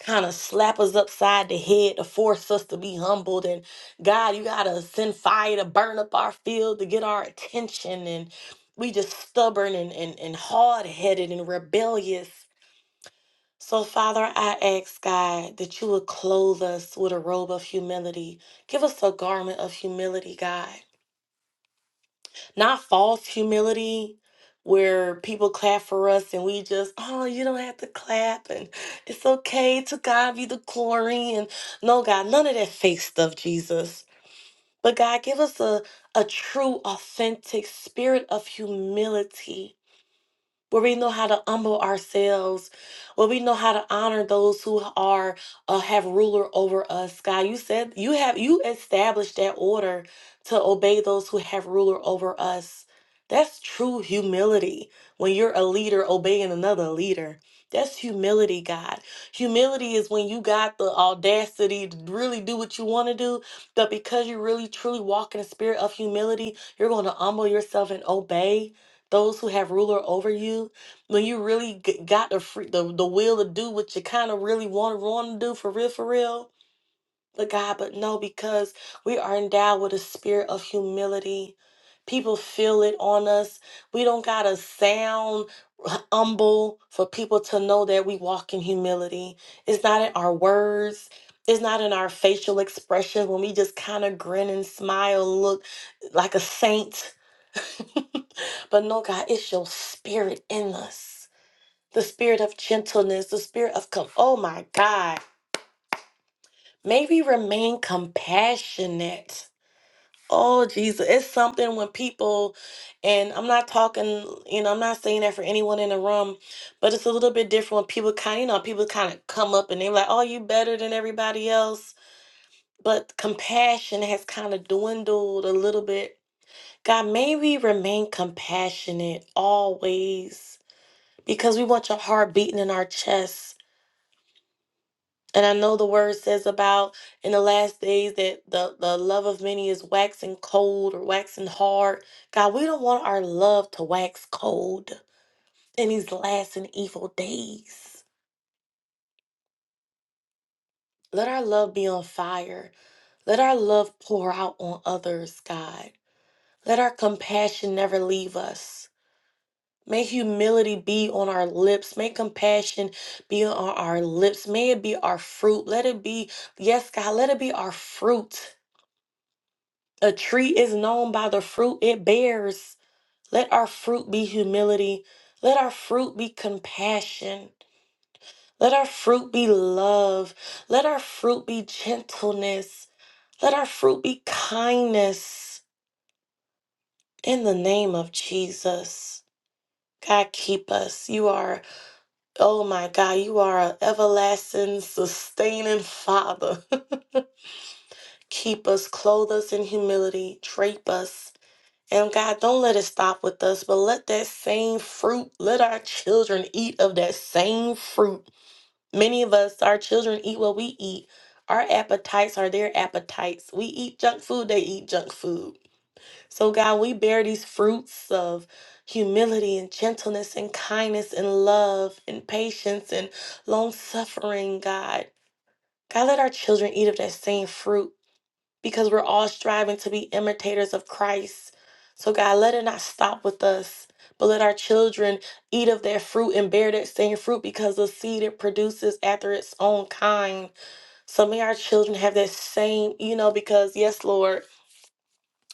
kind of slap us upside the head to force us to be humbled. And God, you got to send fire to burn up our field to get our attention. And we just stubborn and, and, and hard headed and rebellious. So, Father, I ask God that you would clothe us with a robe of humility. Give us a garment of humility, God. Not false humility where people clap for us and we just, oh, you don't have to clap and it's okay to God be the glory. And no, God, none of that fake stuff, Jesus. But God, give us a, a true, authentic spirit of humility where we know how to humble ourselves, where we know how to honor those who are uh, have ruler over us. God, you said you have you established that order to obey those who have ruler over us. That's true humility when you're a leader obeying another leader. That's humility, God. Humility is when you got the audacity to really do what you want to do, but because you really truly walk in a spirit of humility, you're going to humble yourself and obey those who have ruler over you, when you really g- got the free, the, the will to do what you kind of really want, want to do for real, for real, but God, but no, because we are endowed with a spirit of humility. People feel it on us. We don't gotta sound humble for people to know that we walk in humility. It's not in our words. It's not in our facial expression when we just kind of grin and smile, look like a saint. <laughs> but no, God, it's your spirit in us. The spirit of gentleness, the spirit of, com- oh my God. May we remain compassionate. Oh, Jesus. It's something when people, and I'm not talking, you know, I'm not saying that for anyone in the room, but it's a little bit different when people kind you know, people kind of come up and they're like, oh, you better than everybody else. But compassion has kind of dwindled a little bit. God, may we remain compassionate always because we want your heart beating in our chest. And I know the word says about in the last days that the, the love of many is waxing cold or waxing hard. God, we don't want our love to wax cold in these last and evil days. Let our love be on fire. Let our love pour out on others, God. Let our compassion never leave us. May humility be on our lips. May compassion be on our lips. May it be our fruit. Let it be, yes, God, let it be our fruit A tree is known by the fruit it bears. Let our fruit be humility. Let our fruit be compassion. Let our fruit be love. Let our fruit be gentleness. Let our fruit be kindness. In the name of Jesus. God, keep us. You are, oh my God, you are an everlasting, sustaining Father. <laughs> keep us, clothe us in humility, drape us And God, don't let it stop with us, but let that same fruit, let our children eat of that same fruit. Many of us, our children eat what we eat. Our appetites are their appetites. We eat junk food, they eat junk food. So, God, we bear these fruits of humility and gentleness and kindness and love and patience and long suffering, God. God, let our children eat of that same fruit because we're all striving to be imitators of Christ. So, God, let it not stop with us, but let our children eat of their fruit and bear that same fruit because the seed it produces after its own kind. So, may our children have that same, you know, because, yes, Lord.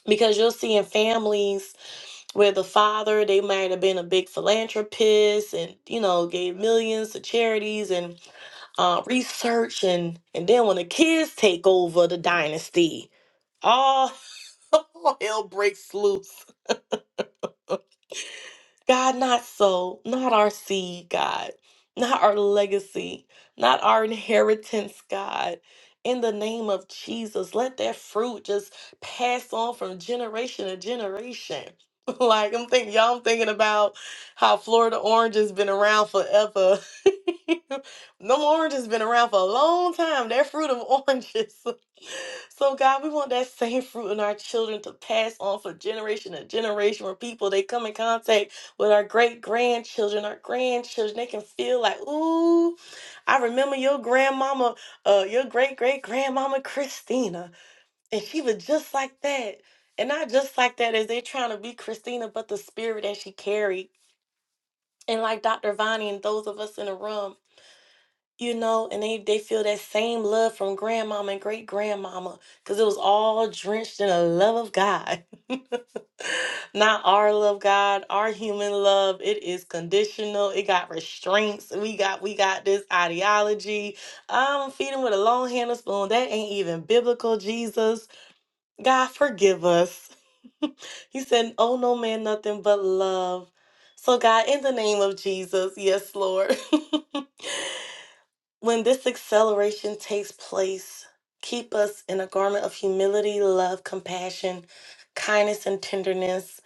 Because you'll see in families where the father, they might have been a big philanthropist and, you know, gave millions to charities and uh, research. And, and then when the kids take over the dynasty, all all hell breaks loose. God, not so, not our seed, God, not our legacy, not our inheritance, God. In the name of Jesus, let that fruit just pass on from generation to generation. <laughs> Like I'm thinking, y'all, I'm thinking about how Florida orange has been around forever. <laughs> Them oranges been around for a long time. That fruit of <laughs> oranges So God, we want that same fruit in our children to pass on for generation to generation where people they come in contact with our great grandchildren, our grandchildren, they can feel like, ooh, I remember your grandmama, uh, your great great grandmama Christina. And she was just like that. And not just like that as they trying to be Christina, but the spirit that she carried. And like Dr. Vonnie and those of us in the room you know, and they they feel that same love from grandmama and great grandmama because it was all drenched in the love of God. <laughs> Not our love, God, our human love. It is conditional. It got restraints. We got we got this ideology. I'm feeding with a long handle spoon. That ain't even biblical, Jesus. God, forgive us. <laughs> he said, Oh no man, nothing but love. So God, in the name of Jesus, yes, Lord. <laughs> When this acceleration takes place, keep us in a garment of humility, love, compassion, kindness, and tenderness.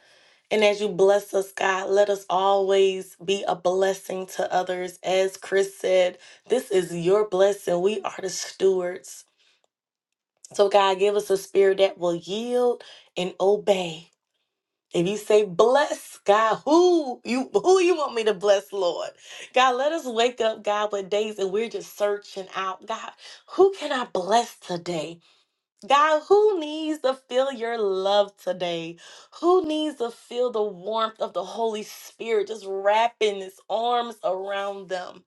And as you bless us, God, let us always be a blessing to others. As Chris said, this is your blessing. We are the stewards. So, God, give us a spirit that will yield and obey if you say bless God, who you who you want me to bless, Lord? God, let us wake up, God, with days and we're just searching out. God, who can I bless today? God, who needs to feel your love today? Who needs to feel the warmth of the Holy Spirit just wrapping his arms around them?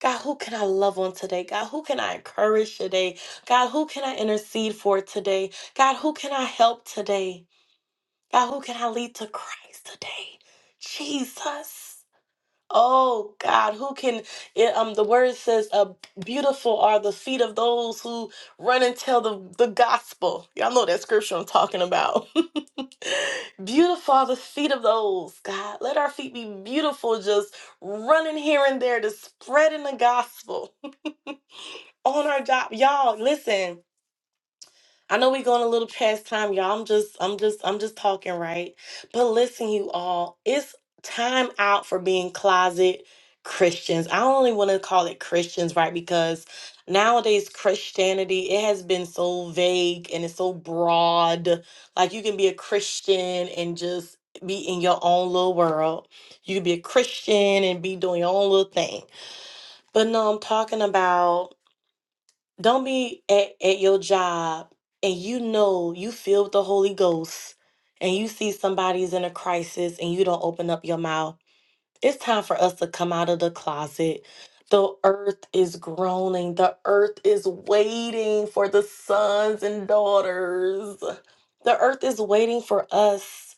God, who can I love on today? God, who can I encourage today? God, who can I intercede for today? God, who can I help today? God, who can I lead to Christ today? Jesus. Oh God, who can it, um the word says uh, beautiful are the feet of those who run and tell the, the gospel. Y'all know that scripture I'm talking about. <laughs> beautiful are the feet of those, God. Let our feet be beautiful, just running here and there, to spreading the gospel <laughs> on our job. Y'all, listen I know we're going a little past time, y'all. I'm just, I'm just, I'm just talking, right? But listen, you all, it's time out for being closet Christians. I only want to call it Christians, right? Because nowadays Christianity, it has been so vague and it's so broad. Like you can be a Christian and just be in your own little world. You can be a Christian and be doing your own little thing. But no, I'm talking about don't be at, at your job and you know you filled with the Holy Ghost and you see somebody's in a crisis and you don't open up your mouth. It's time for us to come out of the closet. The earth is groaning. The earth is waiting for the sons and daughters. The earth is waiting for us.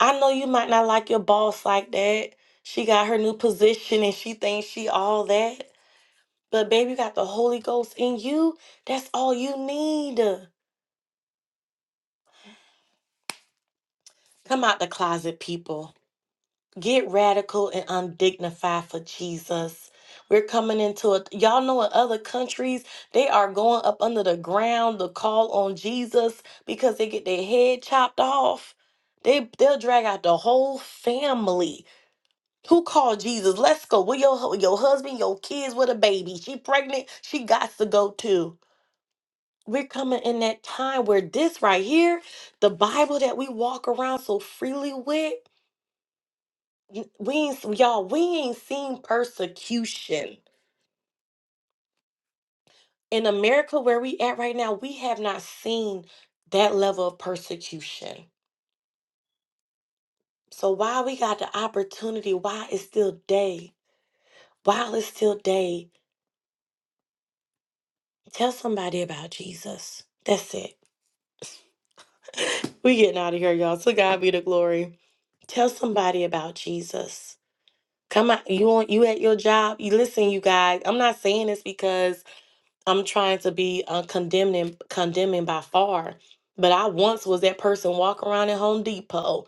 I know you might not like your boss like that. She got her new position and she thinks she all that. But baby, you got the Holy Ghost in you. That's all you need. Come out the closet, people. Get radical and undignified for Jesus. We're coming into a y'all know in other countries, they are going up under the ground to call on Jesus because they get their head chopped off. They they'll drag out the whole family. Who called Jesus? Let's go. Where your hu- your husband, your kids with a baby. She pregnant. She got to go too. We're coming in that time where this right here, the Bible that we walk around so freely with, y- we ain't, y'all, we ain't seen persecution. In America, where we at right now, we have not seen that level of persecution. So while we got the opportunity, while it's still day, while it's still day, tell somebody about Jesus. That's it. We getting out of here, y'all. So God be the glory. Tell somebody about Jesus. Come out, you on you at your job. You listen, you guys. I'm not saying this because I'm trying to be uh, condemning, condemning by far. But I once was that person walking around at Home Depot,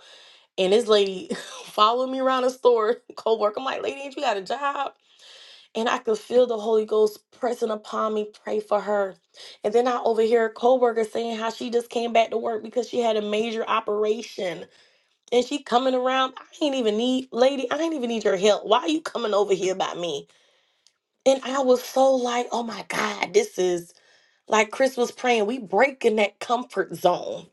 and this lady <laughs> followed me around the store, <laughs> co-worker. I'm like, lady, ain't you got a job? And I could feel the Holy Ghost pressing upon me, pray for her. And then I overhear a co-worker saying how she just came back to work because she had a major operation and she coming around. I ain't even need, lady, I ain't even need your help. Why you coming over here by me? And I was so like, oh my God, this is like Chris was praying. We breaking that comfort zone.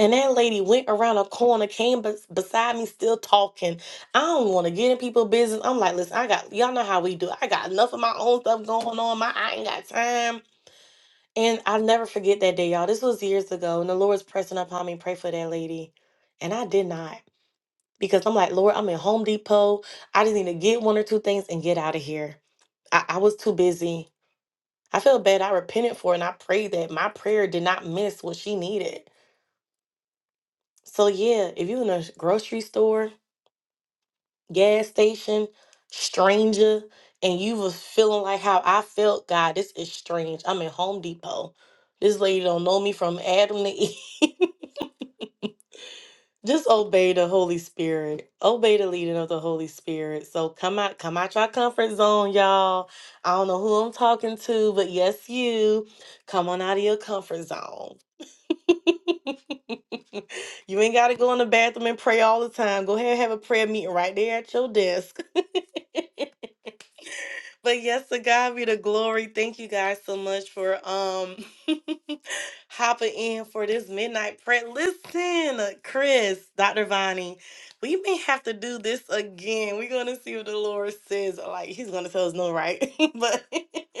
And that lady went around a corner, came bes- beside me, still talking. I don't want to get in people's business. I'm like, listen, I got y'all know how we do. I got enough of my own stuff going on. My I ain't got time. And I'll never forget that day, y'all. This was years ago, and the Lord's pressing upon me, pray for that lady, and I did not. because I'm like, Lord, I'm in Home Depot. I just need to get one or two things and get out of here. I, I was too busy. I feel bad. I repented for it and I prayed that my prayer did not miss what she needed. So yeah, if you're in a grocery store, gas station, stranger, and you was feeling like how I felt, God, this is strange. I'm in Home Depot. This lady don't know me from Adam to Eve. <laughs> Just obey the Holy Spirit. Obey the leading of the Holy Spirit. So come out, come out your comfort zone, y'all. I don't know who I'm talking to, but yes, you. Come on out of your comfort zone. You ain't gotta go in the bathroom and pray all the time. Go ahead and have a prayer meeting right there at your desk. <laughs> but yes, to God be the glory. Thank you guys so much for um <laughs> hopping in for this midnight prayer. Listen, Chris, Dr. Vonnie, we may have to do this again. We're going to see what the Lord says. Like, he's going to tell us no, right? <laughs> but. <laughs>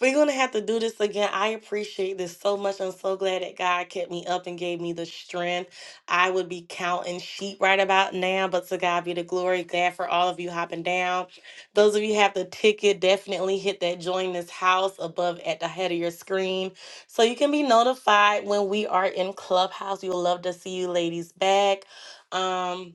We're going to have to do this again. I appreciate this so much. I'm so glad that God kept me up and gave me the strength. I would be counting sheep right about now, but to God be the glory. Glad for all of you hopping down. Those of you who have the ticket, definitely hit that join this house above at the head of your screen so you can be notified when we are in Clubhouse. We would love to see you ladies back. Um,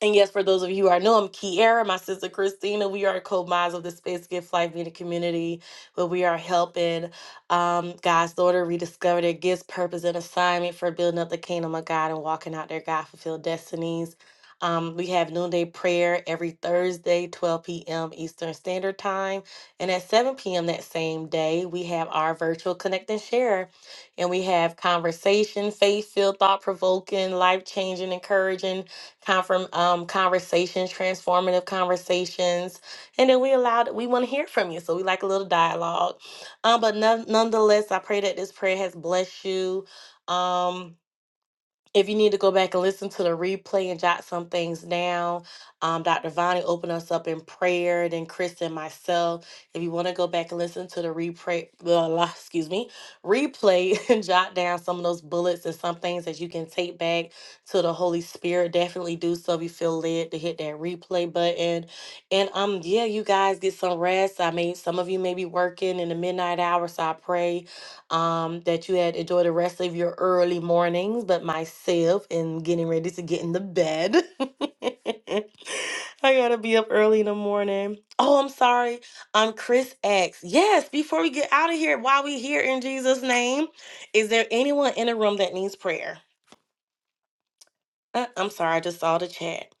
and yes, for those of you who are new, I'm Kiara, my sister Christina. We are co-mods of the Space Gift Life Media Community, where we are helping um, God's daughter rediscover their gifts, purpose, and assignment for building up the kingdom of God and walking out their God-fulfilled destinies. Um, we have noonday prayer every Thursday, 12 p.m. Eastern Standard Time. And at 7 p.m. that same day, we have our virtual Connect and Share. And we have conversation, faith-filled, thought-provoking, life-changing, encouraging, confirm um, conversations, transformative conversations, and then we allowed we want to hear from you, so we like a little dialogue. Um, but none, nonetheless, I pray that this prayer has blessed you. Um, if you need to go back and listen to the replay and jot some things down, um, Dr. Vonnie opened us up in prayer, then Chris and myself. If you want to go back and listen to the replay, blah, <laughs> blah, excuse me, replay <laughs> and jot down some of those bullets and some things that you can take back to the Holy Spirit, definitely do so if you feel led to hit that replay button. And um, yeah, you guys get some rest. I mean, some of you may be working in the midnight hour, so I pray um, that you had enjoyed the rest of your early mornings, but myself and getting ready to get in the bed. <laughs> I gotta be up early in the morning. Oh, I'm sorry. Um, Chris X. Yes, before we get out of here, while we here in Jesus' name, is there anyone in the room that needs prayer? Uh, I'm sorry, I just saw the chat.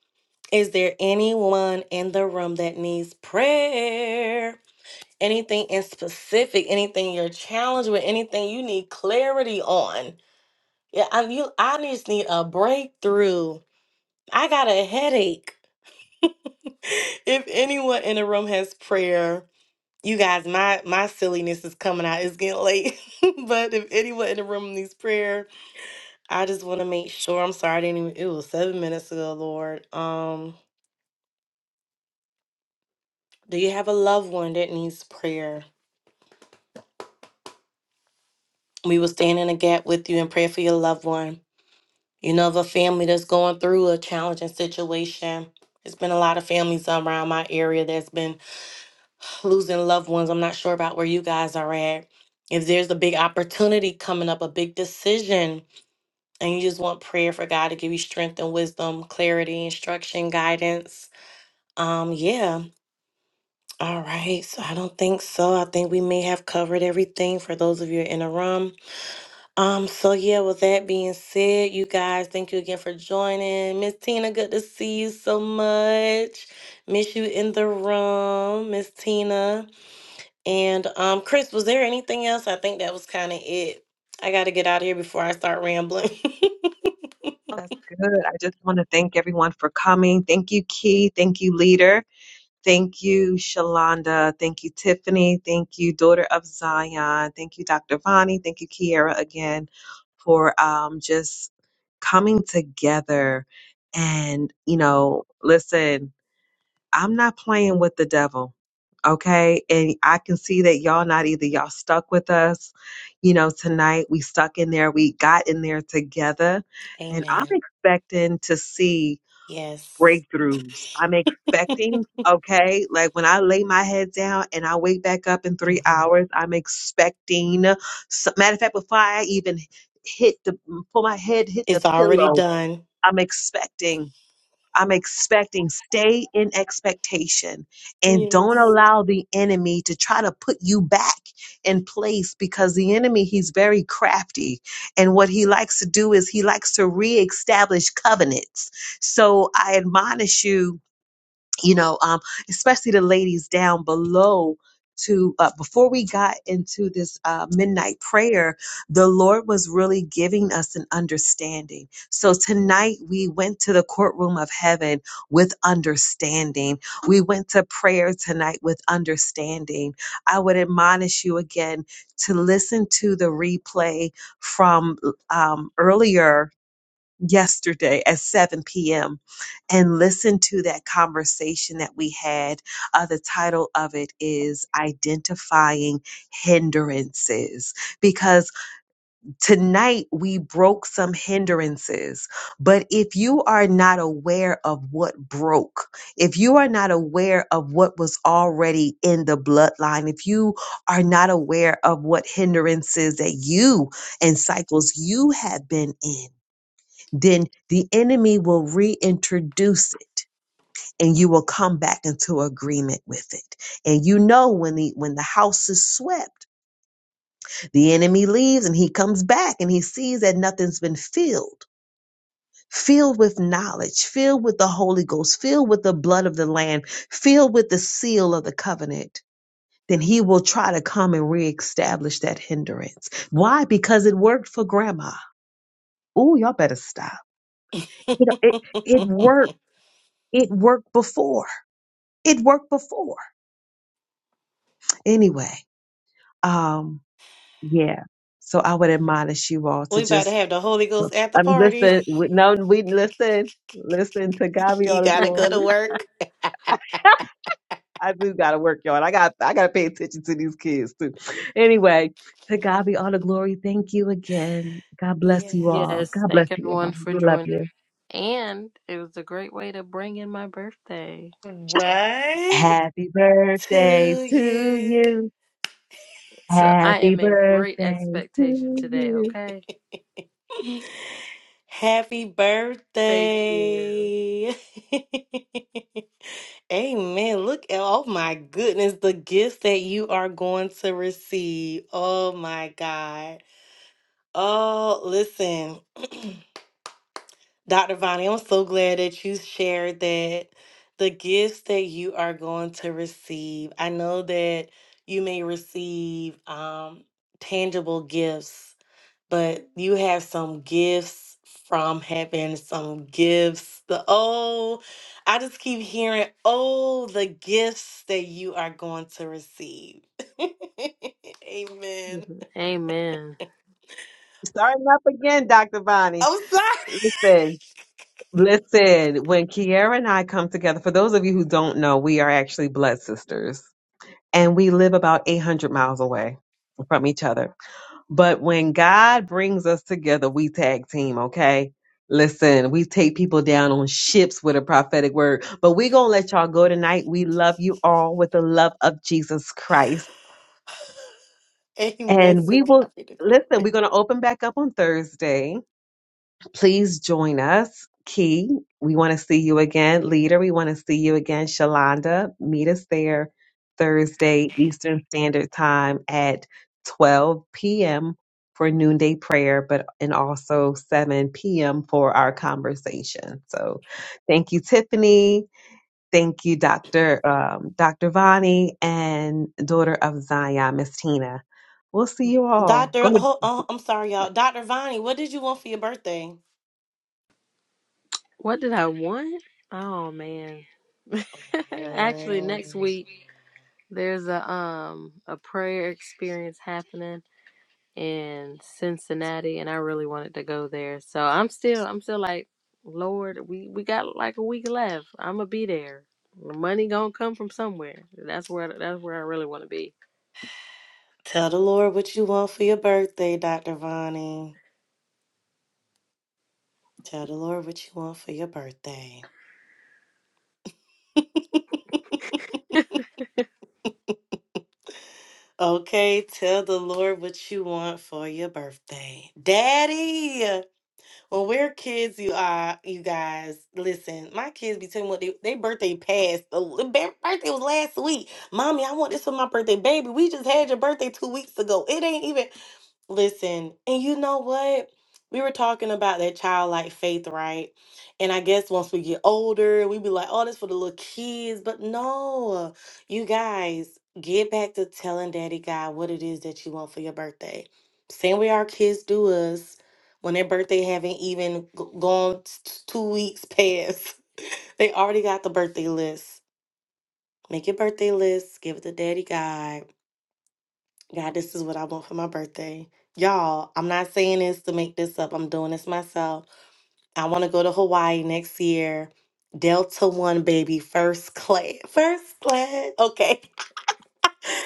Is there anyone in the room that needs prayer? Anything in specific, anything you're challenged with, anything you need clarity on? Yeah, I'm, you, I just need a breakthrough. I got a headache. <laughs> If anyone in the room has prayer, you guys, my my silliness is coming out. It's getting late, <laughs> but if anyone in the room needs prayer, I just want to make sure. I'm sorry, I didn't even. It was seven minutes ago, Lord. Um, do you have a loved one that needs prayer? We will stand in a gap with you and pray for your loved one. You know, of a family that's going through a challenging situation. There's been a lot of families around my area that's been losing loved ones. I'm not sure about where you guys are at. If there's a big opportunity coming up, a big decision, and you just want prayer for God to give you strength and wisdom, clarity, instruction, guidance. Um, yeah. All right. So I don't think so. I think we may have covered everything for those of you in the room. Um, so yeah, with that being said, you guys, thank you again for joining. Miss Tina, good to see you so much. Miss you in the room, Miss Tina. And um, Chris, was there anything else? I think that was kind of it. I got to get out of here before I start rambling. <laughs> That's good. I just want to thank everyone for coming. Thank you, Key. Thank you, Leader. Thank you, Shalonda. Thank you, Tiffany. Thank you, Daughter of Zion. Thank you, Dr. Vani. Thank you, Kiara. again for um, just coming together. And, you Mm, know, listen. I'm not playing with the devil. Okay. And I can see that y'all not either. Y'all stuck with us. You know, tonight we stuck in there. We got in there together. And I'm Amen. expecting to see Yes. breakthroughs. I'm expecting, okay, like when I lay my head down and I wake back up in three Mhm. hours, I'm expecting, s- matter of fact, before I even hit the, pull my head, hit the It's already pillow, done. I'm expecting. I'm expecting. Stay in expectation and don't Yes. allow the enemy to try to put you back in place because the enemy, he's very crafty. And what he likes to do is he likes to reestablish covenants. So I admonish you you know, um, especially the ladies down below to uh, before we got into this uh, midnight prayer the lord was really giving us an understanding so tonight we went to the courtroom of heaven with understanding we went to prayer tonight with understanding i would admonish you again to listen to the replay from um, earlier yesterday at 7 p.m. and listen to that conversation that we had. Uh, the title of it is Identifying Hindrances because tonight we broke some hindrances. But if you are not aware of what broke, if you are not aware of what was already in the bloodline, if you are not aware of what hindrances that you and cycles you have been in, then the enemy will reintroduce it and you will come back into agreement with it. And you know when the when the house is swept, the enemy leaves and he comes back and he sees that nothing's been filled. Filled with knowledge, filled with the Holy Ghost, filled with the blood of the Lamb, filled with the seal of the covenant, then he will try to come and reestablish that hindrance. Why? Because it worked for grandma. Oh, y'all better stop. You know, it, it worked. It worked before It worked before. Anyway, um, yeah. So I would admonish you all to We about to just have the Holy Ghost at the I mean, party. listen. We, no, we listen. Listen to God <laughs> be you all the got to go glory. to work. <laughs> I do gotta work, y'all. and I got I gotta pay attention to these kids too. <laughs> Anyway, to God be all the glory. Thank you again. God bless you Yes. all. Yes, God bless thank you all. everyone for We love joining. you. And it was a great way to bring in my birthday. What Happy to birthday to you? you. So I Happy am in great birthday to expectation today, you. okay? <laughs> Happy birthday. Thank you. <laughs> Amen. Look at, oh my goodness, the gifts that you are going to receive. Oh my God. Oh, listen, Dr. Vonnie, I'm so glad that you shared that the gifts that you are going to receive. I know that you may receive um, tangible gifts but you have some gifts from heaven, some gifts. The oh, I just keep hearing, oh, the gifts that you are going to receive. <laughs> hmm Amen. Amen. Starting up again, Dr. Bonnie. I'm sorry. Listen, listen, when Kiara and I come together, for those of you who don't know, we are actually blood sisters and we live about 800 miles away from each other. But when God brings us together, we tag team, okay? Listen, we take people down on ships with a prophetic word, but we're going to let y'all go tonight. We love you all with the love of Jesus Christ. <laughs> Amen. And So we will, copy the listen, glory. we're going to open back up on Thursday. Please join us. Key, we want to see you again. Leader, we want to see you again. Shalonda, meet us there Thursday, Eastern Standard Time at 12 p.m. for noonday prayer, but and also 7 p.m. for our conversation. So thank you, Tiffany. Thank you, Dr. Um, Dr. Vani and daughter of Zion, Miss Tina. We'll see you all. Doctor, Go oh, oh, to I'm sorry, y'all. Doctor Vonnie, what did you want for your birthday? What did I want? Oh man. <laughs> Actually, Um, next week there's a um a prayer experience happening in Cincinnati, and I really wanted to go there. So I'm still I'm still like, Lord, we we got like a week left. I'm gonna be there. The money gonna come from somewhere. That's where that's where I really want to be. Tell the Lord what you want for your birthday, Dr. Vonnie. Tell the Lord what you want for your birthday. <laughs> Okay, tell the Lord what you want for your birthday. Daddy. When we're kids, you are you guys, listen, my kids be telling me what they, their birthday passed. The the ba- birthday was last week. Mommy, I want this for my birthday. Baby, we just had your birthday two weeks ago. It ain't even Listen, and you know what? We were talking about that childlike faith, right? And I guess once we get older, we be like, oh, that's for the little kids. But no, you guys, get back to telling Daddy God what it is that you want for your birthday. Same way our kids do us when their birthday haven't even g- gone t- t- two weeks past. <laughs> They already got the birthday list. Make your birthday list, give it to Daddy God God, this is what I want for my birthday. Y'all, I'm not saying this to make this up. I'm doing this myself. I want to go to Hawaii next year. Delta One, baby, first class. <laughs> First class. Okay.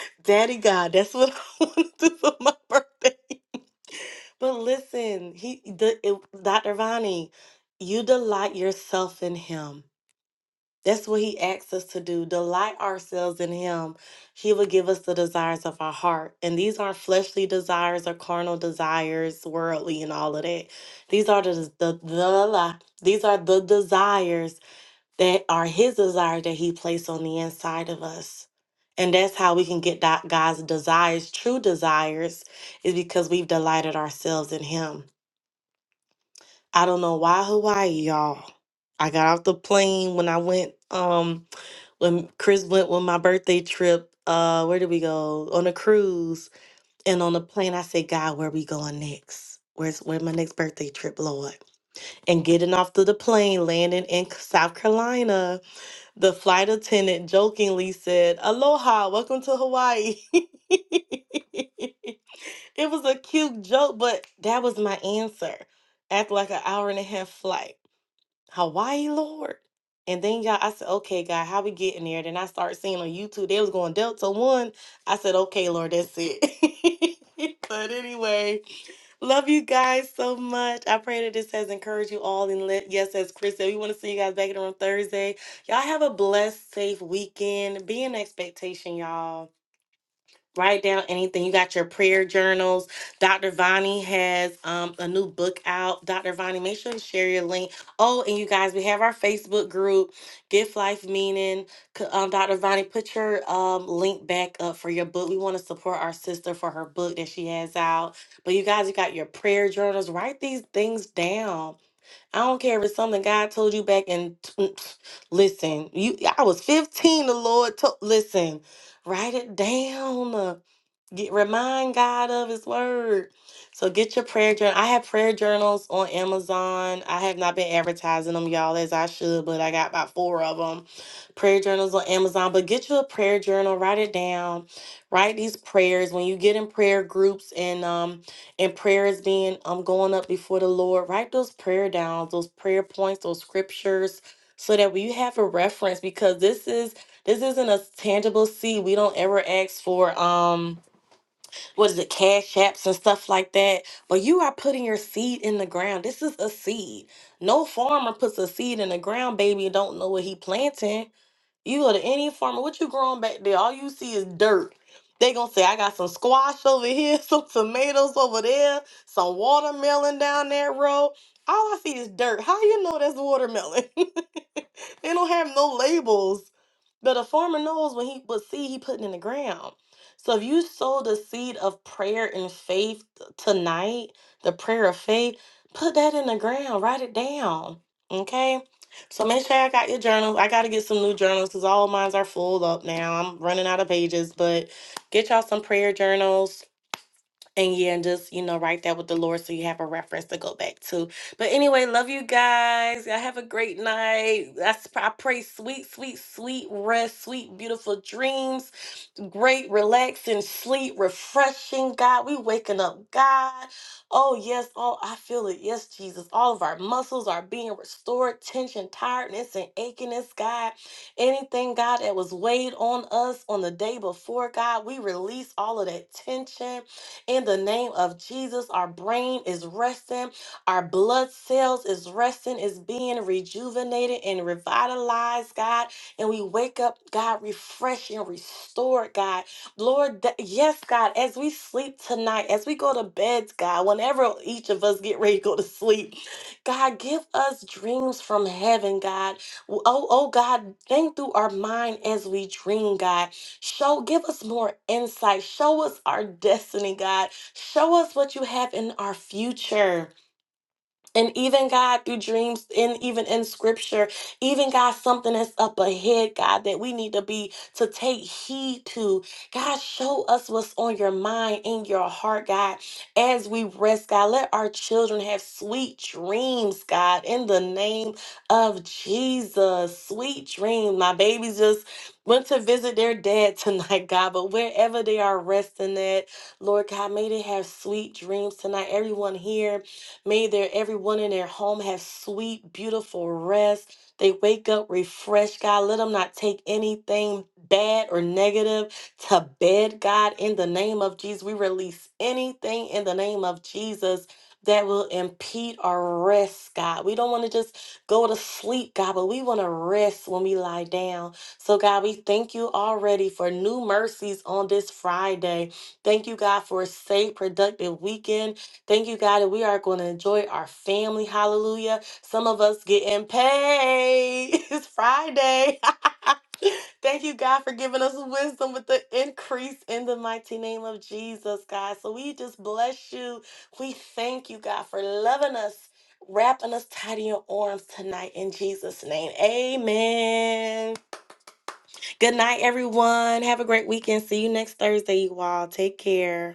<laughs> Daddy God, that's what <laughs> I want to do for my birthday. But listen, he, the, it, Dr. Vani, you delight yourself in him. That's what he asks us to do. Delight ourselves in him. He will give us the desires of our heart. And these aren't fleshly desires or carnal desires, worldly and all of that. These are the, the, the la- these are the desires that are his desire that he placed on the inside of us. And that's how we can get that God's desires, true desires, is because we've delighted ourselves in him. I don't know why Hawaii, y'all. I got off the plane when I went um when Chris went with my birthday trip. Uh where did we go? On a cruise. And on the plane I said, God, where we going next? Where's where my next birthday trip, Lord? And getting off to the plane, landing in C- South Carolina, the flight attendant jokingly said, Aloha, welcome to Hawaii. <laughs> it was a cute joke, but that was my answer after like an hour and a half flight. Hawaii, Lord. And then y'all, I said, okay, God, how we getting there? Then I started seeing on YouTube they was going Delta One. I said, okay, Lord, that's it. <laughs> but anyway, love you guys so much. I pray that this has encouraged you all. And let, yes, as Chris said, we want to see you guys back in the room Thursday. Y'all have a blessed, safe weekend. Be in expectation, y'all write down anything. You got your prayer journals. Dr. Vani has um, a new book out. Dr. Vani, make sure to share your link. Oh, and you guys, we have our Facebook group, Gift Life Meaning. C- Um, Dr. Vani, put your um, link back up for your book. We want to support our sister for her book that she has out. But you guys, you got your prayer journals. Write these things down. I don't care if it's something God told you back in. <tsk> listen, you. I was 15. The Lord told. Listen, write it down Get, remind God of His Word. So get your prayer journal. I have prayer journals on Amazon. I have not been advertising them, y'all, as I should, but I got about four of them. Prayer journals on Amazon. But get you a prayer journal. Write it down. Write these prayers when you get in prayer groups and um and prayers being um going up before the Lord. Write those prayer down. Those prayer points. Those scriptures. So that we have a reference because this is this isn't a tangible seed. We don't ever ask for um what is it, cash apps and stuff like that. But you are putting your seed in the ground. This is a seed. No farmer puts a seed in the ground, baby, and don't know what he planting. You go to any farmer, what you growing back there? All you see is dirt. They gonna say, I got some squash over here, <laughs> some tomatoes over there, some watermelon down that road. All I see is dirt. How you know that's watermelon? <laughs> <laughs> It don't have no labels. But a farmer knows when he what seed he putting in the ground. So if you sow the seed of prayer and faith tonight, the prayer of faith, put that in the ground. Write it down. Okay? So make sure I got your journal. I gotta get some new journals because all mines are full up now. I'm running out of pages, but get y'all some prayer journals and yeah, and just you know, write that with the Lord so you have a reference to go back to. But anyway, love you guys. Y'all have a great night. That's I pray sweet, sweet, sweet rest, sweet, beautiful dreams great, relaxing sleep, refreshing, God. We waking up, God. Oh, yes. Oh, I feel it. Yes, Jesus. All of our muscles are being restored, tension, tiredness, and achiness, God. Anything, God, that was weighed on us on the day before, God, we release all of that tension in the name of Jesus. Our brain is resting, our blood cells is resting, is being rejuvenated and revitalized, God and we wake up, God, refreshed and restored, God. Lord, that, yes, God, as we sleep tonight, as we go to beds, God, whenever each of us get ready to go to sleep, God, give us dreams from heaven, God. Oh, oh, God, think through our mind as we dream, God. Show, give us more insight. Show us our destiny, God. Show us what you have in our future. And even God through dreams, and even in scripture, even God, something that's up ahead, God, that we need to be to take heed to. God, show us what's on your mind, and your heart, God, as we rest, God. Let our children have sweet dreams, God, in the name of Jesus. Sweet dreams. My babies just went to visit their dad tonight, <laughs> God, but wherever they are resting at, Lord God, may they have sweet dreams tonight. Everyone here. May their everyone in their home have sweet, beautiful rest. They wake up refreshed, God. Let them not take anything bad or negative to bed, God. In the name of Jesus, we release anything in the name of Jesus that will impede our rest, God. We don't want to just go to sleep, God, but we want to rest when we lie down. So, God, we thank you already for new mercies on this Friday. Thank you, God, for a safe, productive weekend. Thank you, God, that we are going to enjoy our family. Hallelujah. Some of us getting paid. <laughs> It's Friday. <laughs> Thank you, God, for giving us wisdom with the increase in the mighty name of Jesus, God. So we just bless you. We thank you, God, for loving us, wrapping us tight in your arms tonight in Jesus' name. Amen. Good night, everyone. Have a great weekend. See you next Thursday, you all. Take care.